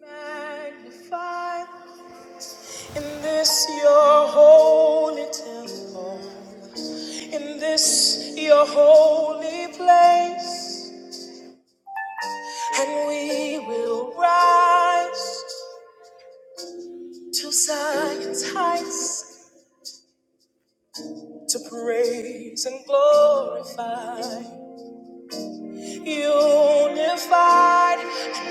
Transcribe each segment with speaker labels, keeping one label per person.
Speaker 1: Magnified in this your holy temple, in this your holy place, and we will rise to Zion's heights to praise and glorify. Unified,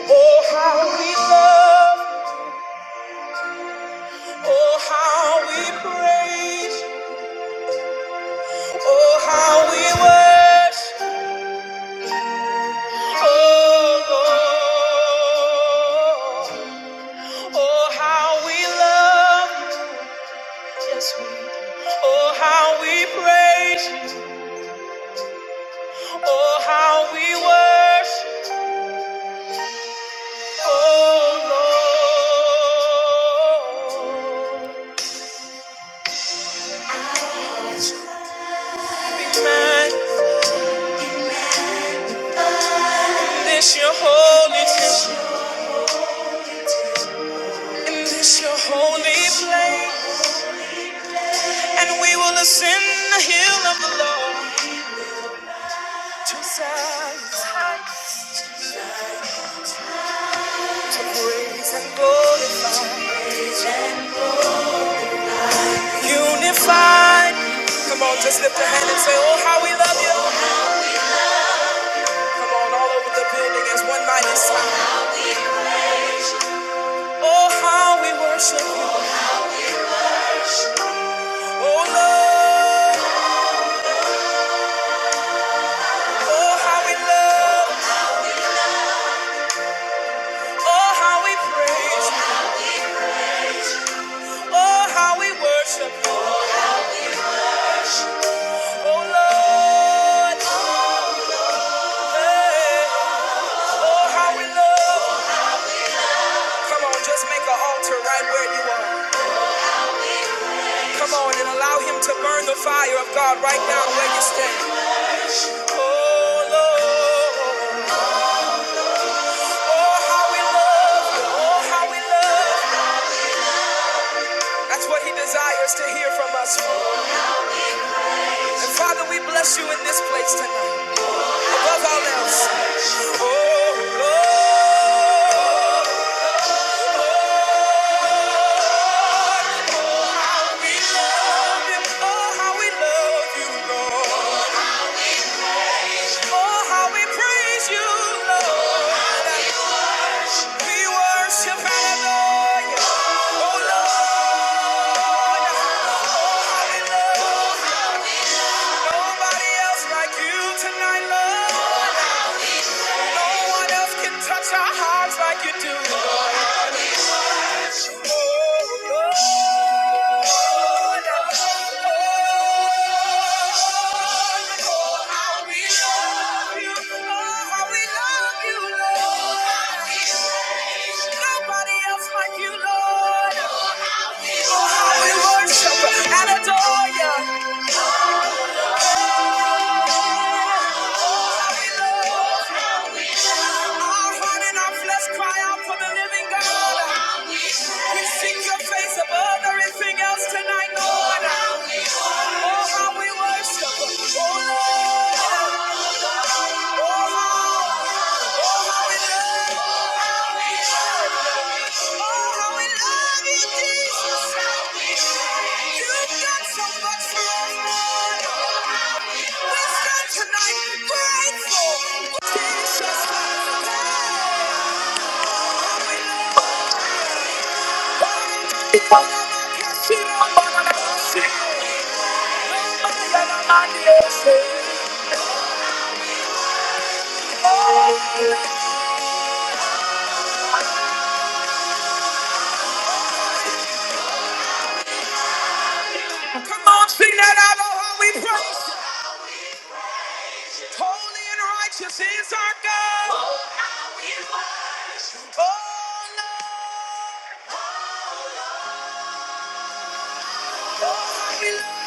Speaker 1: oh how we love, oh how we praise, oh how we worship. Oh, Lord. oh, how we love you. Yes, we do. Oh, how we praise you. Oh, how we worship. Oh, Lord. Be magnified. in This your holy temple. In this your holy place. And we will ascend the hill of the Lord. To silence, to praise and glorify. Unified. Come on, just lift a hand and say, Oh, how we love you. Come on, all over the building as one mighty sound. Oh, how we worship you. Oh, Lord. Oh, how we love. Oh, how we praise. you. Oh, how we worship you. Oh, Lord. Oh, hey. Oh, how we love. Come on, just make an altar right where you are. Come on and allow him to burn the fire of God right now where you stand. Oh Lord, oh how we love you, oh how we love. you. That's what he desires to hear from us. And Father, we bless you in this place tonight. Above all else. Oh Lord, oh how we love you, Lord. Oh how we praise you, Lord. We worship Hallelujah. Oh Lord, Hallelujah. Nobody else like you tonight, Lord. No one else can touch our hearts like you do. Oh Lord, oh how we love you, oh how we love you, Lord. Nobody else like you, Lord. Oh how we worship and adore you. Our heart and our flesh cry out for the living God. We seek your face above everything else tonight, Lord. Oh, how we worship. Oh, Lord. Oh, how we love. Oh, how we love you, Jesus. You've done so much for us, Lord. We stand tonight grateful. Jesus. Hey. Come on, sing that out of how we praise. Holy and righteous is our God. Oh, Lord, how we love.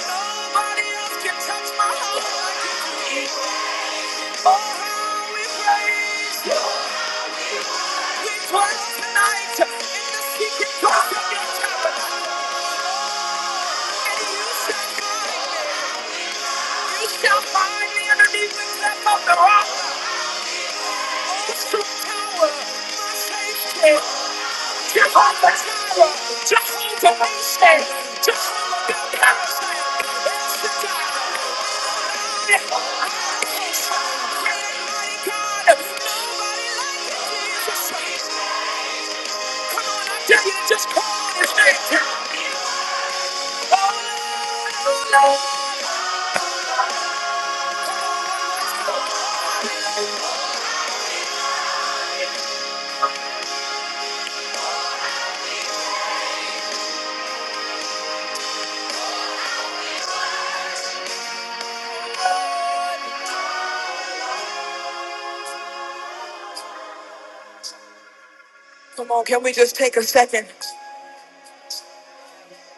Speaker 1: Nobody else can touch my heart like you do. Oh, how we praise. We praise tonight in the secret place of your tabernacle. And you shall guide me. Oh, strong tower, my safety. Jehovah, we stand. Jehovah, Just call his name. Oh, Come on, can we just take a second?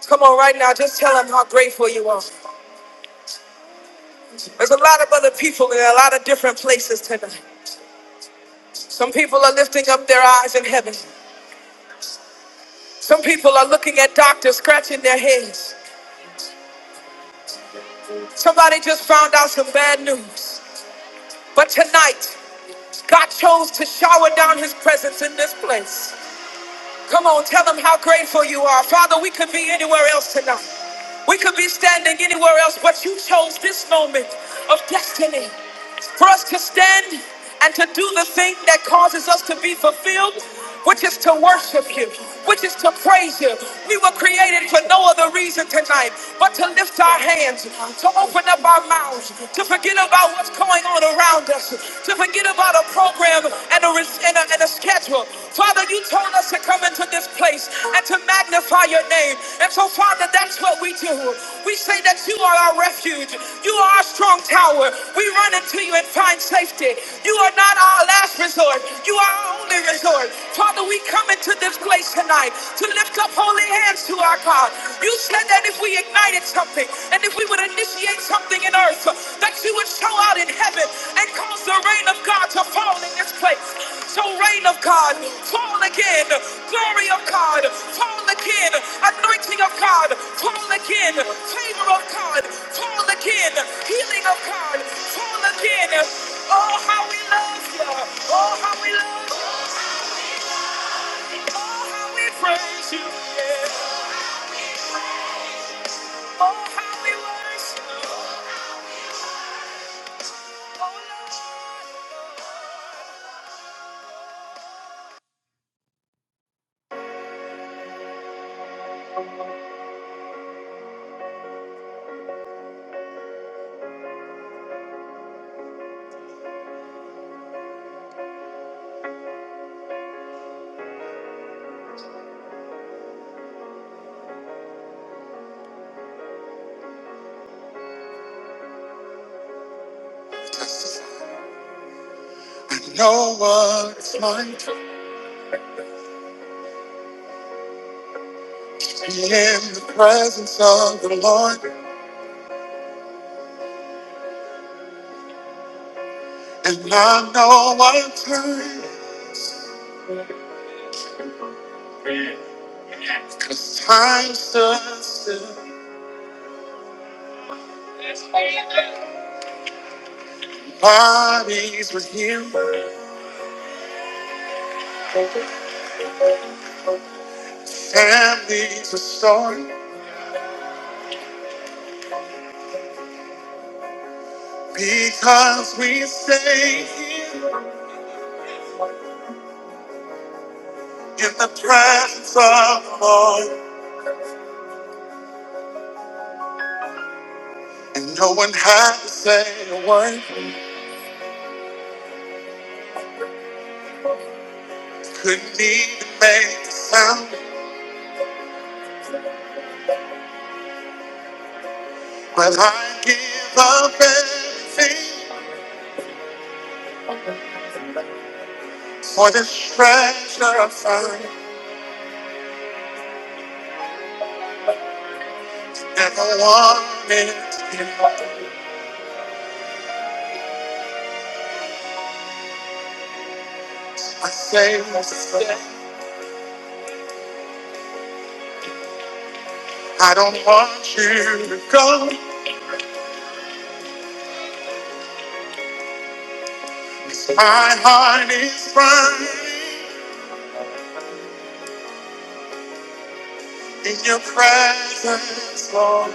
Speaker 1: Come on, right now, just tell them how grateful you are. There's a lot of other people in a lot of different places tonight. Some people are lifting up their eyes in heaven. Some people are looking at doctors, scratching their heads. Somebody just found out some bad news. But tonight, God chose to shower down his presence in this place. Come on, tell them how grateful you are. Father, we could be anywhere else tonight. We could be standing anywhere else, but you chose this moment of destiny for us to stand and to do the thing that causes us to be fulfilled, which is to worship you, which is to praise you. We were created for no other reason tonight but to lift our hands, to open up our mouths, to forget about what's going on around us, to forget about a program and a, res- and a, and a schedule. Father, you told us to come into this place and to magnify your name. And so, Father, that's what we do. We say that you are our refuge. You are our strong tower. We run into you and find safety. You are not our last resort. You are our only resort. Father, we come into this place tonight to lift up holy hands to our God. You said that if we ignited something and if we would initiate something in earth, that you would show out in heaven and cause the rain of God to fall in this place. So, rain of God, fall again. Glory of God, fall again. Anointing of God, fall again. Favor of God, fall again. Healing of God, fall again. Oh, how we love you. Oh, how we love you. Oh, how we praise you. yeah. Oh, how we worship you. Oh, Lord. No one is like to be in the presence of the Lord. And I know what time this time stood still. Bodies were healed, families restored. Because we stay here in the presence of the Lord. And no one had to say a word. Couldn't even make a sound, but I give up everything for this treasure I found. Never wanted to give up. I say, I I don't want you to go. My heart is burning in your presence, Lord.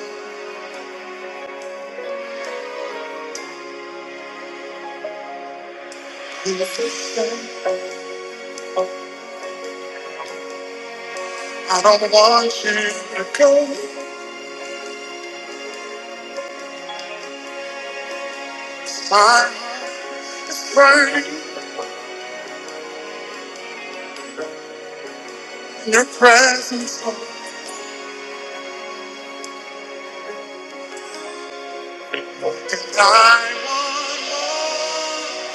Speaker 1: Listen, I don't want you to go. My heart's burning in your presence. And I want more.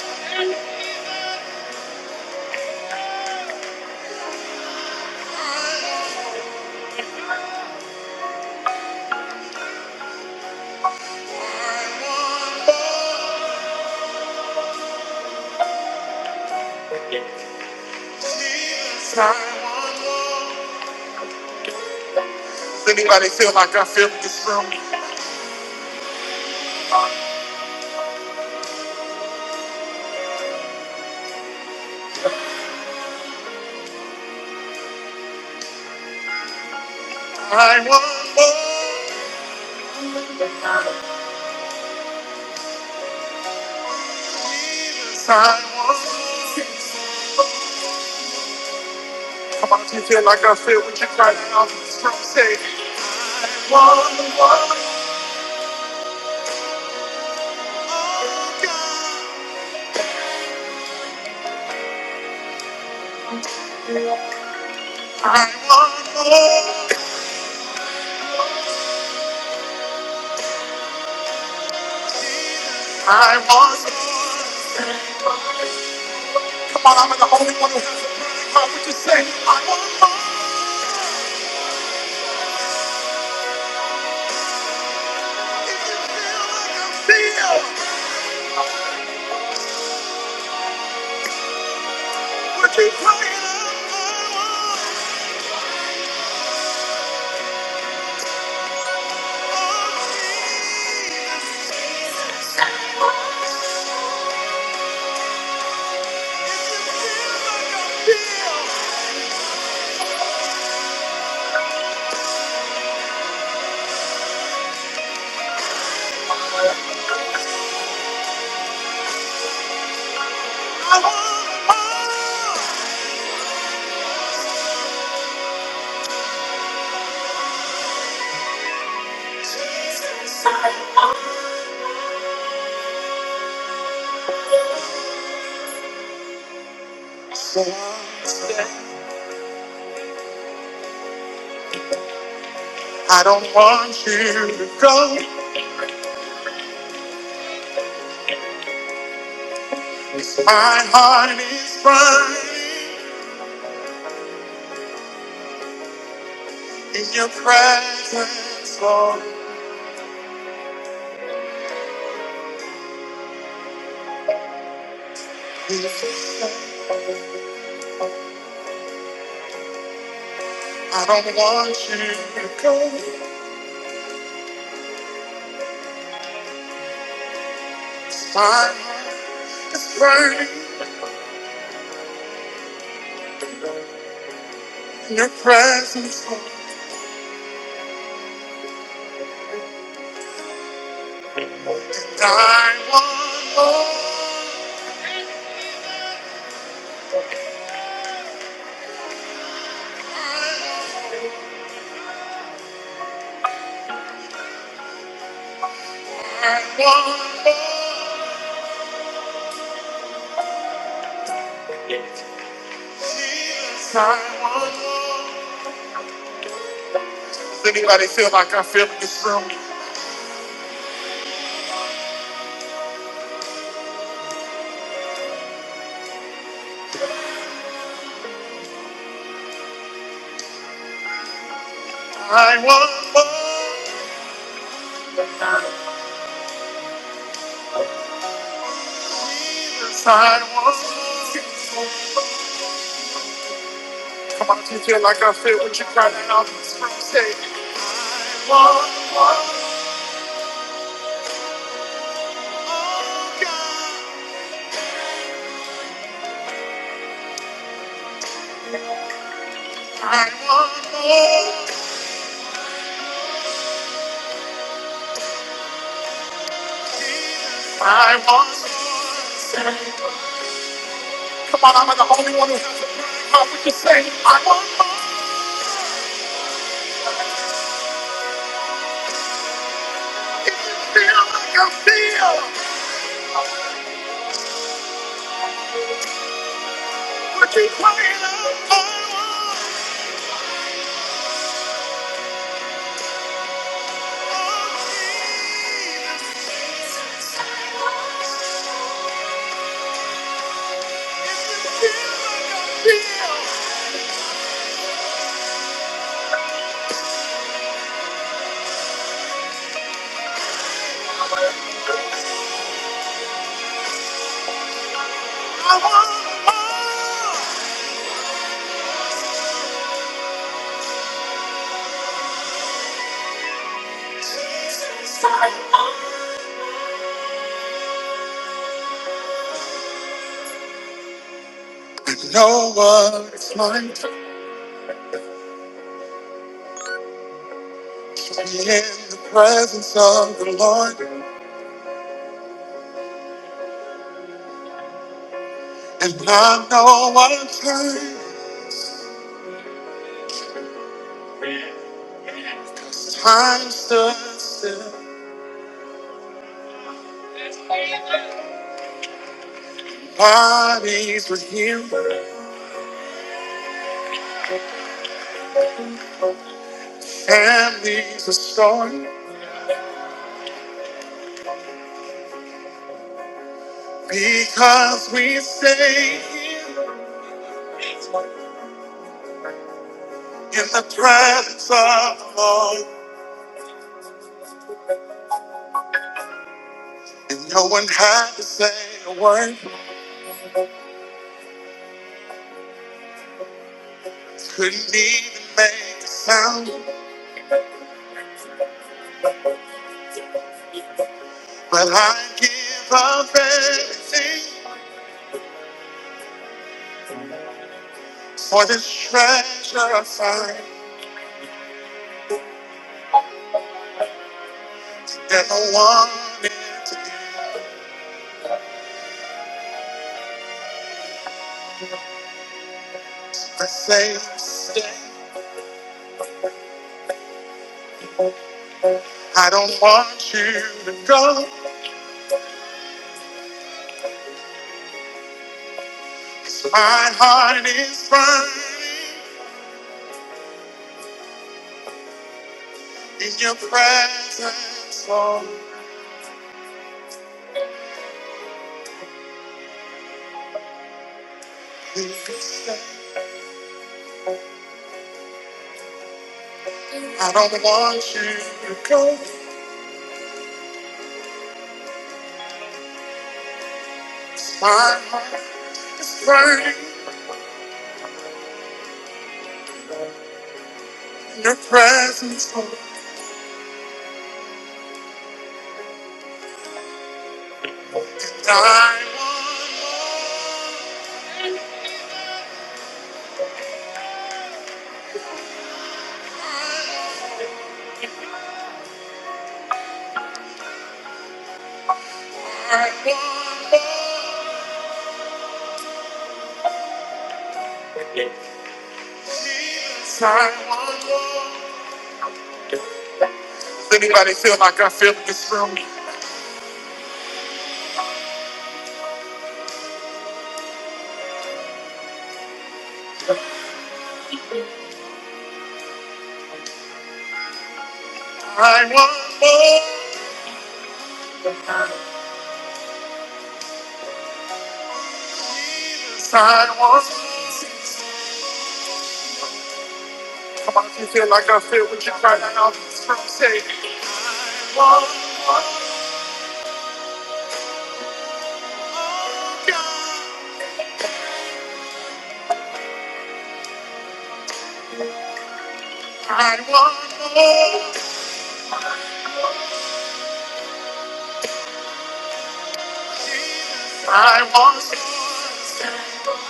Speaker 1: I want more. Jesus, I want more. Does anybody feel like I feel in this room? I want more. Jesus, I want more. Come on, if you feel like I feel when you cry out in this room, say, "Oh, God, I want more. I want more. Come on, I'm the only one who has a burning heart. Would you say, I want more? If you feel, would you cry out? I don't want you to go. My heart is burning in your presence, Lord. I don't want you to go. My heart's burning in your presence, Lord. I want more. I, I want more. I want more. Does anybody feel like I feel in this room? I want more. Jesus, I want more. Come on, do you feel like I feel what you're crying out in this room, say, I want more. Jesus, I want more. Come on, I'm not the only one who has a crying heart. Would you say, I want more? If you feel like I feel, would you cry it out, I want more? Feel. No one is like to be in the presence of the Lord, and I know one time time stood still. Bodies were healed, families restored, because we stay here in the presence of the Lord. And no one had to say a word, couldn't even make a sound. But I give up everything for this treasure I find that I wanted to be the same. mistake. I don't want you to go. 'cause My heart is burning in your presence, Lord. Please stay. I don't want you to go. 'cause My heart's burning in your presence, Lord. And I want more. I want more. Does anybody feel like I feel in this from me? I want more. I want more. Come on, if you feel like I feel what you're crying out in this from say, I want more. God. I want more. I want more.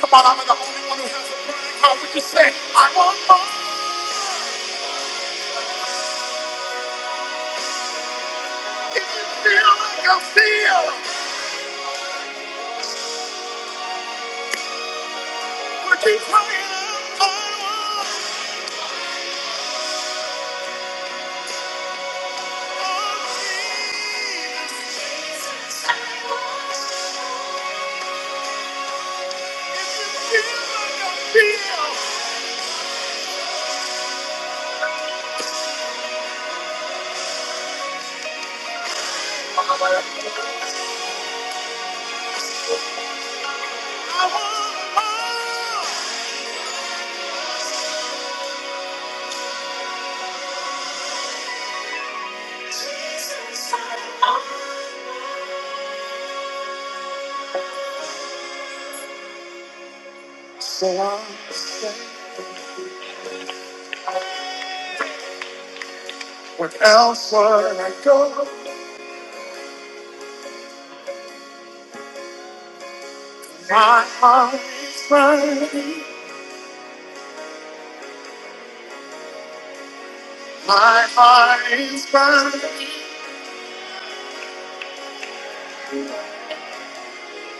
Speaker 1: Come on, I'm the only one who has a prayer. How would you say, I want more? If you feel like I feel, would you cry out? So I say, what else I go? My heart is burning, my heart is burning,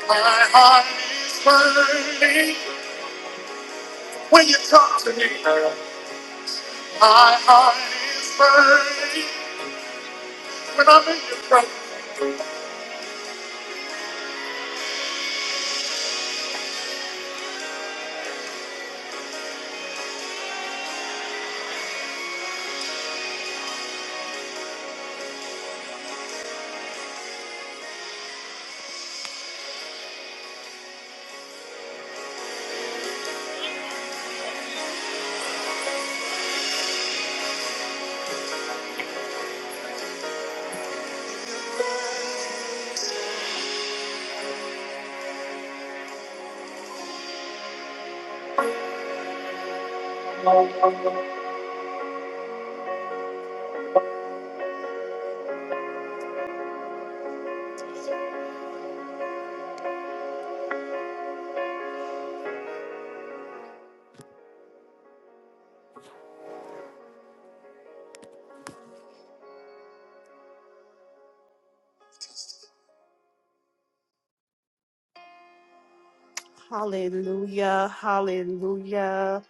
Speaker 1: my heart is burning. When you talk to me, my heart is burning. When I'm in your presence. Hallelujah, hallelujah,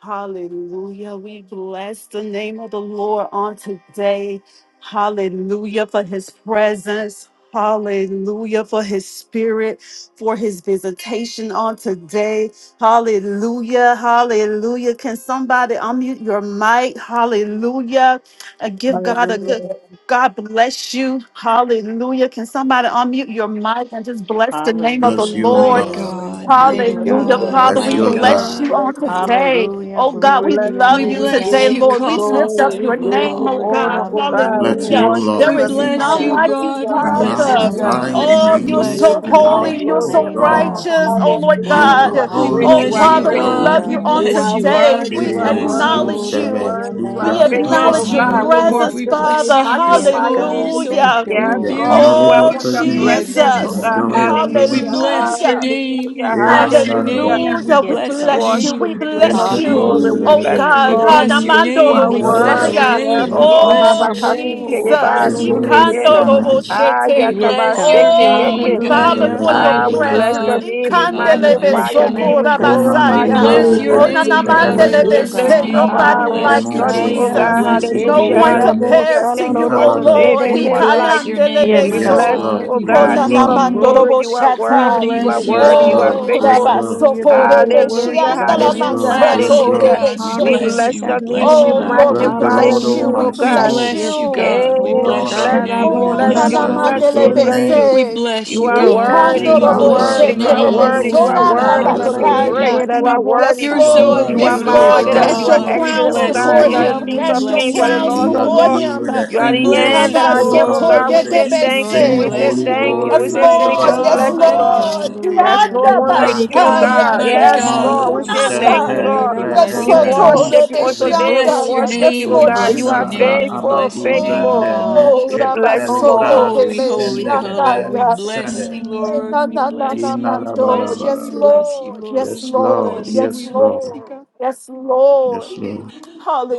Speaker 1: hallelujah. We bless the name of the Lord on today. Hallelujah for his presence. Hallelujah for his spirit, for his visitation on today. Hallelujah, hallelujah. Can somebody unmute your mic? Hallelujah. And give God a good.
Speaker 2: Hallelujah.
Speaker 1: God bless you. Hallelujah. Can somebody unmute your mic and just bless the name of the
Speaker 3: Bless you,
Speaker 4: Hallelujah.
Speaker 3: O
Speaker 1: Lord?
Speaker 5: Mighty
Speaker 3: God.
Speaker 2: Thank
Speaker 4: Glory,
Speaker 5: God, mighty
Speaker 4: glory,
Speaker 1: Hallelujah,
Speaker 4: glory,
Speaker 5: God,
Speaker 1: Father.
Speaker 2: you,
Speaker 3: Bless
Speaker 1: We
Speaker 3: you,
Speaker 5: mighty
Speaker 3: O
Speaker 4: God.
Speaker 1: bless
Speaker 2: Lord.
Speaker 3: God.
Speaker 1: you
Speaker 5: God,
Speaker 2: Amen.
Speaker 1: on
Speaker 5: mighty God.
Speaker 1: today.
Speaker 4: Hallelujah.
Speaker 2: Bless you.
Speaker 1: Oh
Speaker 2: We
Speaker 1: God,
Speaker 4: Glory
Speaker 1: we
Speaker 4: to
Speaker 2: bless
Speaker 4: your
Speaker 5: We
Speaker 1: love
Speaker 2: you.
Speaker 1: you
Speaker 2: We
Speaker 4: name,
Speaker 5: bless
Speaker 1: today,
Speaker 2: give
Speaker 5: you,
Speaker 4: God.
Speaker 2: you
Speaker 1: Lord. We
Speaker 5: God,
Speaker 1: lift up
Speaker 2: glory. We
Speaker 1: your
Speaker 5: above
Speaker 2: give
Speaker 1: name,
Speaker 2: you
Speaker 1: oh
Speaker 5: all
Speaker 4: Glory,
Speaker 5: names.
Speaker 2: honor,
Speaker 1: God.
Speaker 2: oh
Speaker 6: Our
Speaker 2: God. We
Speaker 3: Bless you,
Speaker 4: hallelujah.
Speaker 1: Hallelujah.
Speaker 3: O
Speaker 2: worship
Speaker 5: We
Speaker 1: There
Speaker 3: Lord.
Speaker 2: from
Speaker 1: is
Speaker 2: me.
Speaker 4: Yes,
Speaker 5: bless
Speaker 1: none
Speaker 5: you,
Speaker 4: God.
Speaker 1: like you,
Speaker 5: God.
Speaker 2: Hallelujah.
Speaker 5: We
Speaker 3: We
Speaker 5: bless
Speaker 1: Father.
Speaker 5: you,
Speaker 2: Hallelujah.
Speaker 3: magnify your
Speaker 5: God. We
Speaker 1: Oh,
Speaker 4: Hallelujah,
Speaker 2: We give
Speaker 1: you're
Speaker 3: name
Speaker 5: bless
Speaker 1: so
Speaker 4: Jesus.
Speaker 5: you,
Speaker 2: you
Speaker 4: We
Speaker 2: all
Speaker 4: bless
Speaker 3: tonight,
Speaker 1: holy.
Speaker 5: God.
Speaker 4: your
Speaker 1: You're
Speaker 2: glory
Speaker 3: O
Speaker 1: so
Speaker 4: name,
Speaker 2: and honor.
Speaker 3: God.
Speaker 4: God.
Speaker 1: righteous. Oh,
Speaker 2: Hallelujah.
Speaker 1: Lord
Speaker 3: You
Speaker 2: You
Speaker 4: Oh,
Speaker 3: are
Speaker 2: are
Speaker 1: God.
Speaker 5: We
Speaker 2: great.
Speaker 1: Oh,
Speaker 3: holy.
Speaker 2: You
Speaker 5: bless
Speaker 2: are
Speaker 3: You
Speaker 4: hallelujah.
Speaker 5: you,
Speaker 1: Father,
Speaker 3: are
Speaker 2: great.
Speaker 1: we
Speaker 4: Yes,
Speaker 5: God.
Speaker 1: love you
Speaker 5: We
Speaker 3: holy.
Speaker 4: God.
Speaker 1: on
Speaker 2: You
Speaker 5: bless
Speaker 2: are
Speaker 5: you,
Speaker 1: today.
Speaker 5: God.
Speaker 2: worthy,
Speaker 5: We
Speaker 1: We
Speaker 2: you are
Speaker 4: Oh,
Speaker 5: bless
Speaker 3: Amen. Who
Speaker 2: worthy,
Speaker 1: acknowledge
Speaker 2: you
Speaker 5: you.
Speaker 4: glory
Speaker 3: said
Speaker 2: are
Speaker 4: to
Speaker 1: you.
Speaker 3: it?
Speaker 4: your
Speaker 2: worthy, you are
Speaker 1: We
Speaker 4: name,
Speaker 3: Dubra
Speaker 5: We
Speaker 2: faithful,
Speaker 4: God.
Speaker 2: oh
Speaker 5: bless
Speaker 1: acknowledge your
Speaker 5: you,
Speaker 2: God. We
Speaker 3: kapandawa.
Speaker 5: Lord.
Speaker 1: presence,
Speaker 5: We
Speaker 2: worship
Speaker 4: Hallelujah.
Speaker 2: you, we
Speaker 5: bless
Speaker 1: Father.
Speaker 5: you. You're
Speaker 4: Yes,
Speaker 5: so
Speaker 2: magnify
Speaker 5: holy. You're
Speaker 2: you.
Speaker 4: God.
Speaker 5: so
Speaker 4: Thank
Speaker 1: Hallelujah.
Speaker 4: you,
Speaker 5: wonderful. You're
Speaker 2: Yes,
Speaker 3: We
Speaker 6: food
Speaker 4: Lord.
Speaker 2: Lord, we
Speaker 3: acknowledge
Speaker 5: beautiful.
Speaker 1: Oh,
Speaker 3: your
Speaker 5: God.
Speaker 2: welcome your
Speaker 5: We
Speaker 3: presence.
Speaker 5: bless you,
Speaker 2: presence,
Speaker 6: is
Speaker 3: We
Speaker 2: oh
Speaker 1: Jesus.
Speaker 5: God.
Speaker 2: God.
Speaker 3: adore your
Speaker 6: wonderful.
Speaker 5: We
Speaker 2: Hallelujah,
Speaker 3: presence.
Speaker 5: bless
Speaker 6: Thank
Speaker 5: your
Speaker 1: Hallelujah.
Speaker 5: name.
Speaker 2: hallelujah,
Speaker 5: We
Speaker 4: Mm.
Speaker 6: you.
Speaker 3: Amen.
Speaker 5: bless your
Speaker 2: hallelujah.
Speaker 3: Darabara.
Speaker 1: Hallelujah.
Speaker 5: name. We
Speaker 6: Hallelujah.
Speaker 1: We
Speaker 4: Yes,
Speaker 2: We
Speaker 5: bless your
Speaker 4: God.
Speaker 1: bless
Speaker 6: Thank
Speaker 1: you.
Speaker 5: name.
Speaker 6: you.
Speaker 2: worship
Speaker 1: We
Speaker 5: We
Speaker 2: you,
Speaker 6: the
Speaker 2: King
Speaker 5: bless
Speaker 2: of
Speaker 1: bless
Speaker 5: your
Speaker 6: faith
Speaker 1: you.
Speaker 5: name.
Speaker 2: glory. We
Speaker 6: in you.
Speaker 4: Hallelujah,
Speaker 1: Oh
Speaker 2: bless
Speaker 3: Yependarabara.
Speaker 2: you,
Speaker 1: God.
Speaker 5: We
Speaker 4: Jesus.
Speaker 2: Lord.
Speaker 5: bless your
Speaker 6: Hallelujah,
Speaker 2: You
Speaker 1: Hadamandoro
Speaker 5: name.
Speaker 2: are
Speaker 5: We
Speaker 4: Oh,
Speaker 6: Jesus.
Speaker 5: bless
Speaker 3: Darabara.
Speaker 2: worthy,
Speaker 5: your
Speaker 1: Messiah.
Speaker 4: glory.
Speaker 2: yes,
Speaker 5: name.
Speaker 4: Hey,
Speaker 5: We
Speaker 4: she
Speaker 2: Lord.
Speaker 4: not
Speaker 5: bless
Speaker 1: Oh
Speaker 4: a
Speaker 5: your name.
Speaker 2: Habakasuke
Speaker 1: Jesus.
Speaker 2: yeba
Speaker 5: Bless,
Speaker 6: Glory
Speaker 4: Hallelujah,
Speaker 6: to the
Speaker 1: Ikandoro
Speaker 4: God.
Speaker 6: name of
Speaker 3: Amen.
Speaker 6: Jesus.
Speaker 2: Ah,
Speaker 5: we
Speaker 1: Boshete.
Speaker 6: Thank you.
Speaker 4: Yes,
Speaker 2: yakaba
Speaker 6: Lord.
Speaker 5: bless your
Speaker 4: God.
Speaker 2: seke
Speaker 1: Oh,
Speaker 6: Thank
Speaker 1: we
Speaker 5: name,
Speaker 1: bow
Speaker 6: you.
Speaker 5: God,
Speaker 4: Hallelujah.
Speaker 1: before your
Speaker 2: Ah,
Speaker 5: mighty
Speaker 2: we
Speaker 3: Darabara.
Speaker 2: bless
Speaker 1: presence.
Speaker 2: your
Speaker 4: Yes,
Speaker 5: God,
Speaker 2: name, we
Speaker 4: Jesus.
Speaker 5: God,
Speaker 4: We
Speaker 1: Inkandelebe
Speaker 5: mighty
Speaker 4: bless
Speaker 2: magnify your
Speaker 4: your
Speaker 5: God.
Speaker 2: name,
Speaker 6: Jesus.
Speaker 2: we
Speaker 4: name,
Speaker 1: sokora
Speaker 4: God.
Speaker 3: Emani
Speaker 2: glorify
Speaker 5: We
Speaker 4: Yes,
Speaker 2: your
Speaker 1: basaya.
Speaker 5: bless
Speaker 2: name.
Speaker 4: God.
Speaker 5: your
Speaker 1: Oh,
Speaker 6: Glory to
Speaker 3: malebre
Speaker 6: your
Speaker 5: name, God. We
Speaker 6: name.
Speaker 3: celebe
Speaker 2: We
Speaker 4: Oh,
Speaker 1: nanamandelebe
Speaker 5: bless your
Speaker 2: lift
Speaker 1: se.
Speaker 2: you
Speaker 4: God.
Speaker 2: up
Speaker 5: name.
Speaker 6: Hallelujah.
Speaker 5: We
Speaker 2: high.
Speaker 1: Nobody
Speaker 2: We
Speaker 1: like
Speaker 5: bless
Speaker 1: you,
Speaker 5: your
Speaker 2: exalt
Speaker 3: emondo
Speaker 2: you,
Speaker 5: name.
Speaker 2: oh
Speaker 5: We
Speaker 4: Hallelujah.
Speaker 1: Jesus.
Speaker 2: God.
Speaker 6: Thank
Speaker 3: somno
Speaker 6: you.
Speaker 5: bless
Speaker 3: di
Speaker 6: Jesus. Thank
Speaker 5: you,
Speaker 4: Yes,
Speaker 1: No
Speaker 6: you. Lord. Thank you. Jesus. Thank you. Thank
Speaker 2: Hallelujah.
Speaker 4: she
Speaker 1: one
Speaker 4: not a
Speaker 5: Lord.
Speaker 3: iverene
Speaker 4: bull.
Speaker 2: Hallelujah.
Speaker 1: compares to
Speaker 2: Thank you
Speaker 1: you,
Speaker 2: for
Speaker 1: O
Speaker 4: Salaroro. She
Speaker 3: ikabada.
Speaker 2: today.
Speaker 1: Lord.
Speaker 2: Thank you
Speaker 5: We
Speaker 2: for life.
Speaker 5: bless your
Speaker 4: Yes,
Speaker 5: name,
Speaker 2: We
Speaker 5: mighty
Speaker 3: Yes
Speaker 1: Ikanandelebeso,
Speaker 2: bless
Speaker 4: God.
Speaker 2: you,
Speaker 3: Lord,
Speaker 5: God.
Speaker 2: oh
Speaker 5: We
Speaker 3: yes
Speaker 2: God,
Speaker 5: bless
Speaker 2: King
Speaker 3: Lord,
Speaker 2: of
Speaker 5: you.
Speaker 4: Mm.
Speaker 2: glory. You are
Speaker 5: We
Speaker 1: konanamandoroboshata.
Speaker 2: worthy. You are
Speaker 4: Yes,
Speaker 5: bless you,
Speaker 3: yes
Speaker 2: worthy. You are
Speaker 4: God.
Speaker 5: Lord.
Speaker 1: Oh,
Speaker 3: Lord, yes
Speaker 2: faithful.
Speaker 3: Lord,
Speaker 4: Hallelujah, God. Your
Speaker 1: rabasokorebeshi,
Speaker 4: word,
Speaker 2: Hallelujah,
Speaker 4: worthy, God.
Speaker 5: We
Speaker 3: yes
Speaker 4: Your
Speaker 2: hallelujah,
Speaker 3: Lord, yes
Speaker 5: bless
Speaker 4: honor.
Speaker 5: you,
Speaker 2: hallelujah.
Speaker 3: Lord.
Speaker 5: God. We
Speaker 4: Honor
Speaker 2: We
Speaker 4: you
Speaker 1: andalamansotorebeshe.
Speaker 5: bless
Speaker 4: this
Speaker 2: bless
Speaker 5: you. We
Speaker 2: your name.
Speaker 5: bless
Speaker 2: We
Speaker 5: you,
Speaker 4: afternoon,
Speaker 1: Oh,
Speaker 4: God.
Speaker 1: Lord,
Speaker 5: Lord.
Speaker 1: we
Speaker 3: Bless the
Speaker 2: magnify your
Speaker 3: Lord,
Speaker 1: bless
Speaker 3: O
Speaker 1: you.
Speaker 4: Hallelujah.
Speaker 2: name,
Speaker 1: We
Speaker 2: oh
Speaker 3: my
Speaker 5: We
Speaker 6: you.
Speaker 2: God.
Speaker 1: bless
Speaker 3: soul,
Speaker 6: Thank
Speaker 4: Yes,
Speaker 5: bless you,
Speaker 1: you.
Speaker 4: God.
Speaker 5: God. We
Speaker 3: and
Speaker 2: Yeah,
Speaker 4: Oh,
Speaker 2: we
Speaker 3: all
Speaker 5: bless your
Speaker 3: that
Speaker 2: bless
Speaker 3: is
Speaker 2: you,
Speaker 6: you.
Speaker 5: name.
Speaker 2: we
Speaker 5: We
Speaker 4: shadadabo,
Speaker 3: within
Speaker 1: Oh,
Speaker 6: Thank
Speaker 3: me.
Speaker 2: bless
Speaker 6: you.
Speaker 5: bless
Speaker 2: you,
Speaker 1: nana
Speaker 2: we
Speaker 5: you,
Speaker 3: Bless
Speaker 4: sadado,
Speaker 2: bless
Speaker 3: His
Speaker 5: Lord.
Speaker 2: you, we
Speaker 3: holy
Speaker 2: bless
Speaker 4: shedede.
Speaker 2: you.
Speaker 3: name.
Speaker 5: We
Speaker 1: mandelebese.
Speaker 5: bless
Speaker 2: You
Speaker 5: you,
Speaker 2: are
Speaker 4: Yes,
Speaker 6: Thank
Speaker 5: God.
Speaker 2: worthy,
Speaker 4: God.
Speaker 2: you
Speaker 5: We
Speaker 2: are
Speaker 1: Ricandorobo
Speaker 4: Glory
Speaker 5: bless your
Speaker 3: Emanda
Speaker 2: worthy,
Speaker 4: to
Speaker 2: you
Speaker 4: your
Speaker 2: are
Speaker 1: shetelebe.
Speaker 5: name.
Speaker 4: name,
Speaker 2: worthy, you
Speaker 5: We
Speaker 3: raabados
Speaker 2: are
Speaker 4: God.
Speaker 1: Sonanda
Speaker 5: bow
Speaker 2: worthy to be
Speaker 5: before
Speaker 4: Hallelujah.
Speaker 5: you,
Speaker 3: man
Speaker 1: basaya.
Speaker 2: praised.
Speaker 5: Lord.
Speaker 2: You are
Speaker 4: Shedadabo,
Speaker 2: worthy.
Speaker 1: Yes,
Speaker 4: sa.
Speaker 5: You're
Speaker 3: You are
Speaker 1: Lord.
Speaker 5: so
Speaker 2: You are
Speaker 1: Yes,
Speaker 3: worthy, O
Speaker 4: Yes,
Speaker 5: beautiful,
Speaker 1: Lord.
Speaker 2: marvelous,
Speaker 1: Cast
Speaker 3: Lord.
Speaker 2: you are
Speaker 4: God.
Speaker 1: your
Speaker 3: You
Speaker 5: God.
Speaker 3: are
Speaker 5: We
Speaker 2: excellent,
Speaker 1: crowns
Speaker 2: oh
Speaker 3: worthy,
Speaker 5: bless
Speaker 3: O
Speaker 2: God.
Speaker 5: your
Speaker 1: before
Speaker 2: You are the
Speaker 3: Lord.
Speaker 1: him.
Speaker 5: name.
Speaker 2: kings
Speaker 5: We
Speaker 2: of
Speaker 1: Cast your
Speaker 2: kings,
Speaker 5: bless
Speaker 2: you
Speaker 5: your
Speaker 2: are the
Speaker 1: crowns
Speaker 2: lords
Speaker 3: We
Speaker 2: of
Speaker 5: name.
Speaker 4: Mm,
Speaker 1: before
Speaker 4: yes,
Speaker 2: lords.
Speaker 3: agree
Speaker 1: him.
Speaker 3: with the
Speaker 2: You are
Speaker 5: We
Speaker 2: the
Speaker 5: bless
Speaker 2: end
Speaker 3: angels
Speaker 2: that
Speaker 5: you,
Speaker 3: in
Speaker 2: I
Speaker 3: the book
Speaker 2: am, oh
Speaker 3: of
Speaker 5: Lord.
Speaker 1: Ukabasoto
Speaker 2: God.
Speaker 5: We
Speaker 2: We say
Speaker 5: bless you,
Speaker 3: Revelation
Speaker 2: thank
Speaker 5: Lord.
Speaker 2: you,
Speaker 5: We
Speaker 3: saying,
Speaker 2: we
Speaker 1: yedebese.
Speaker 2: say
Speaker 5: bless
Speaker 3: Holy,
Speaker 5: you,
Speaker 2: thank you, we
Speaker 1: Yes,
Speaker 5: Lord.
Speaker 3: holy
Speaker 2: say
Speaker 3: is the
Speaker 5: Mighty
Speaker 2: thank you,
Speaker 1: Lord.
Speaker 2: we
Speaker 3: Lord
Speaker 4: God.
Speaker 1: Yes,
Speaker 2: bless
Speaker 5: God,
Speaker 3: God
Speaker 2: you,
Speaker 5: mighty
Speaker 2: Lord.
Speaker 1: Lord.
Speaker 3: Almighty,
Speaker 5: God.
Speaker 3: day
Speaker 2: There's no
Speaker 4: Hallelujah.
Speaker 1: Yanda
Speaker 3: and
Speaker 2: one like
Speaker 5: Mighty
Speaker 3: night.
Speaker 2: you, oh
Speaker 5: God,
Speaker 1: basaya.
Speaker 2: God.
Speaker 5: mighty
Speaker 4: Yes,
Speaker 2: Yes,
Speaker 1: Hey,
Speaker 2: Lord.
Speaker 5: God.
Speaker 3: Mando
Speaker 2: We
Speaker 5: You're
Speaker 2: say
Speaker 5: so
Speaker 4: shedadabo,
Speaker 2: thank
Speaker 1: kunanda.
Speaker 2: you,
Speaker 5: holy.
Speaker 3: sente
Speaker 2: Lord.
Speaker 5: we
Speaker 1: Yes,
Speaker 5: bless
Speaker 2: We
Speaker 5: your
Speaker 4: shedadabo,
Speaker 3: reeve
Speaker 5: name.
Speaker 1: Soto
Speaker 4: sa.
Speaker 2: worship you on
Speaker 5: We
Speaker 3: nusteve
Speaker 2: today. We
Speaker 5: bless
Speaker 1: Rebeshianda.
Speaker 5: your
Speaker 2: worship
Speaker 1: Yes,
Speaker 2: you,
Speaker 5: name.
Speaker 2: oh
Speaker 5: We
Speaker 1: Lord
Speaker 2: God. You
Speaker 5: bless
Speaker 2: are
Speaker 5: your
Speaker 3: imanda ra
Speaker 5: name.
Speaker 1: Jesus.
Speaker 5: We
Speaker 2: faithful,
Speaker 5: bless your
Speaker 3: abadu
Speaker 5: name,
Speaker 2: faithful.
Speaker 3: zende
Speaker 5: God.
Speaker 1: Oh,
Speaker 2: We
Speaker 3: meke
Speaker 2: bless you,
Speaker 5: Oh,
Speaker 2: Lord.
Speaker 1: Rabasoko,
Speaker 3: felubradu
Speaker 5: holy,
Speaker 1: Rebe,
Speaker 5: holy
Speaker 3: stende
Speaker 5: God.
Speaker 3: leve
Speaker 5: We
Speaker 1: Shiandaya.
Speaker 5: bless
Speaker 3: nusende.
Speaker 5: you,
Speaker 1: Eh,
Speaker 5: Lord.
Speaker 1: Na,
Speaker 5: We
Speaker 1: na, na, na,
Speaker 5: bless you. We
Speaker 1: Mando.
Speaker 5: bless you. We
Speaker 1: Yes,
Speaker 3: Inalabalabala.
Speaker 4: Mm.
Speaker 5: bless you,
Speaker 1: Lord. Yes,
Speaker 5: Lord.
Speaker 3: Yes,
Speaker 5: We
Speaker 1: Lord.
Speaker 3: Lord.
Speaker 5: bless you.
Speaker 1: Yes,
Speaker 5: We
Speaker 3: Yes, Lord.
Speaker 5: bless you,
Speaker 1: Lord.
Speaker 5: God.
Speaker 1: Yes, Lord.
Speaker 3: Yes, Lord.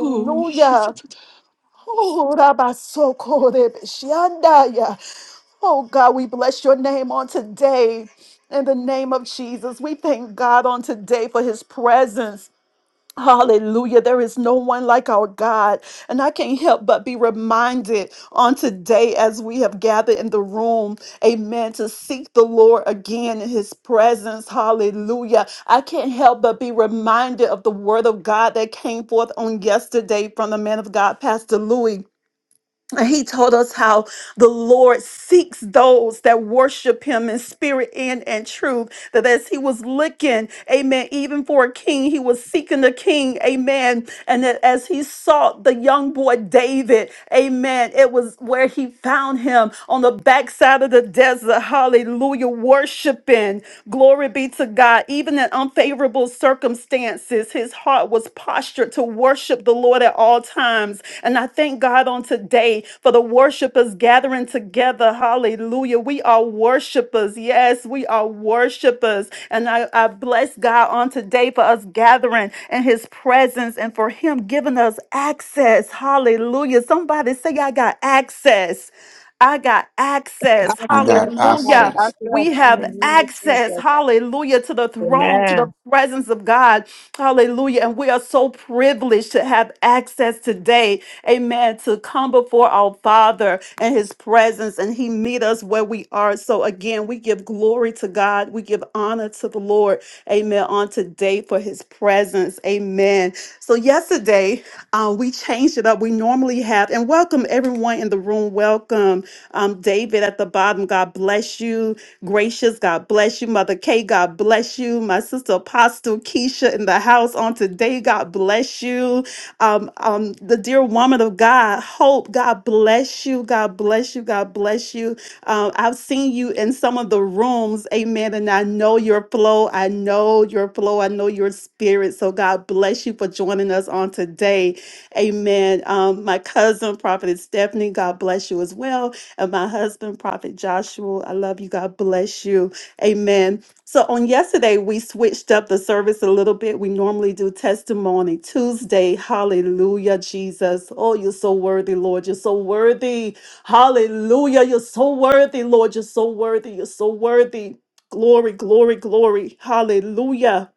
Speaker 5: Oh, Jesus.
Speaker 1: Oh, Rabasoko, Rebe, Shiandaya. Oh, God, we bless your name on today. In the name of Jesus, we thank God on today for his presence. Hallelujah. There is no one like our God. And I can't help but be reminded on today as we have gathered in the room, amen, to seek the Lord again in his presence. Hallelujah. I can't help but be reminded of the word of God that came forth on yesterday from the man of God, Pastor Louis. And he told us how the Lord seeks those that worship him in spirit and in truth. That as he was looking, amen, even for a king, he was seeking the king, amen. And that as he sought the young boy David, amen, it was where he found him on the backside of the desert. Hallelujah, worshiping. Glory be to God. Even in unfavorable favorable circumstances, his heart was postured to worship the Lord at all times. And I thank God on today for the worshipers gathering together. Hallelujah. We are worshipers. Yes, we are worshipers. And I, I bless God on today for us gathering in his presence and for him giving us access. Hallelujah. Somebody say, I got access. I got access.
Speaker 3: I got
Speaker 2: Access, I have
Speaker 1: Hallelujah.
Speaker 3: access.
Speaker 2: access
Speaker 1: We
Speaker 2: in the
Speaker 1: have
Speaker 2: name of
Speaker 1: access,
Speaker 2: Jesus.
Speaker 1: hallelujah, to the throne, to the
Speaker 2: Amen.
Speaker 1: presence of God, hallelujah. And we are so privileged to have access today, amen, to come before our Father and His presence, and He meet us where we are. So, again, we give glory to God, we give honor to the Lord, amen, on today for His presence, amen. So, yesterday, uh, we changed it up. We normally have, and welcome everyone in the room. Welcome, welcome. Um, David at the bottom, God bless you. Gracious, God bless you. Mother Kay, God bless you. My sister Apostle Keisha in the house on today, God bless you. Um, um, the dear woman of God, Hope, God bless you. God bless you. God bless you. Um, I've seen you in some of the rooms, amen. And I know your flow. I know your flow. I know your spirit. So God bless you for joining us on today. Amen. Um, my cousin, Prophet Stephanie, God bless you as well. And my husband, Prophet Joshua, I love you. God bless you. Amen. So on yesterday, we switched up the service a little bit. We normally do testimony Tuesday. Hallelujah, Jesus. Oh, you're so worthy, Lord. You're so worthy. Hallelujah. You're so worthy, Lord. You're so worthy. You're so worthy. Glory, glory, glory. Hallelujah.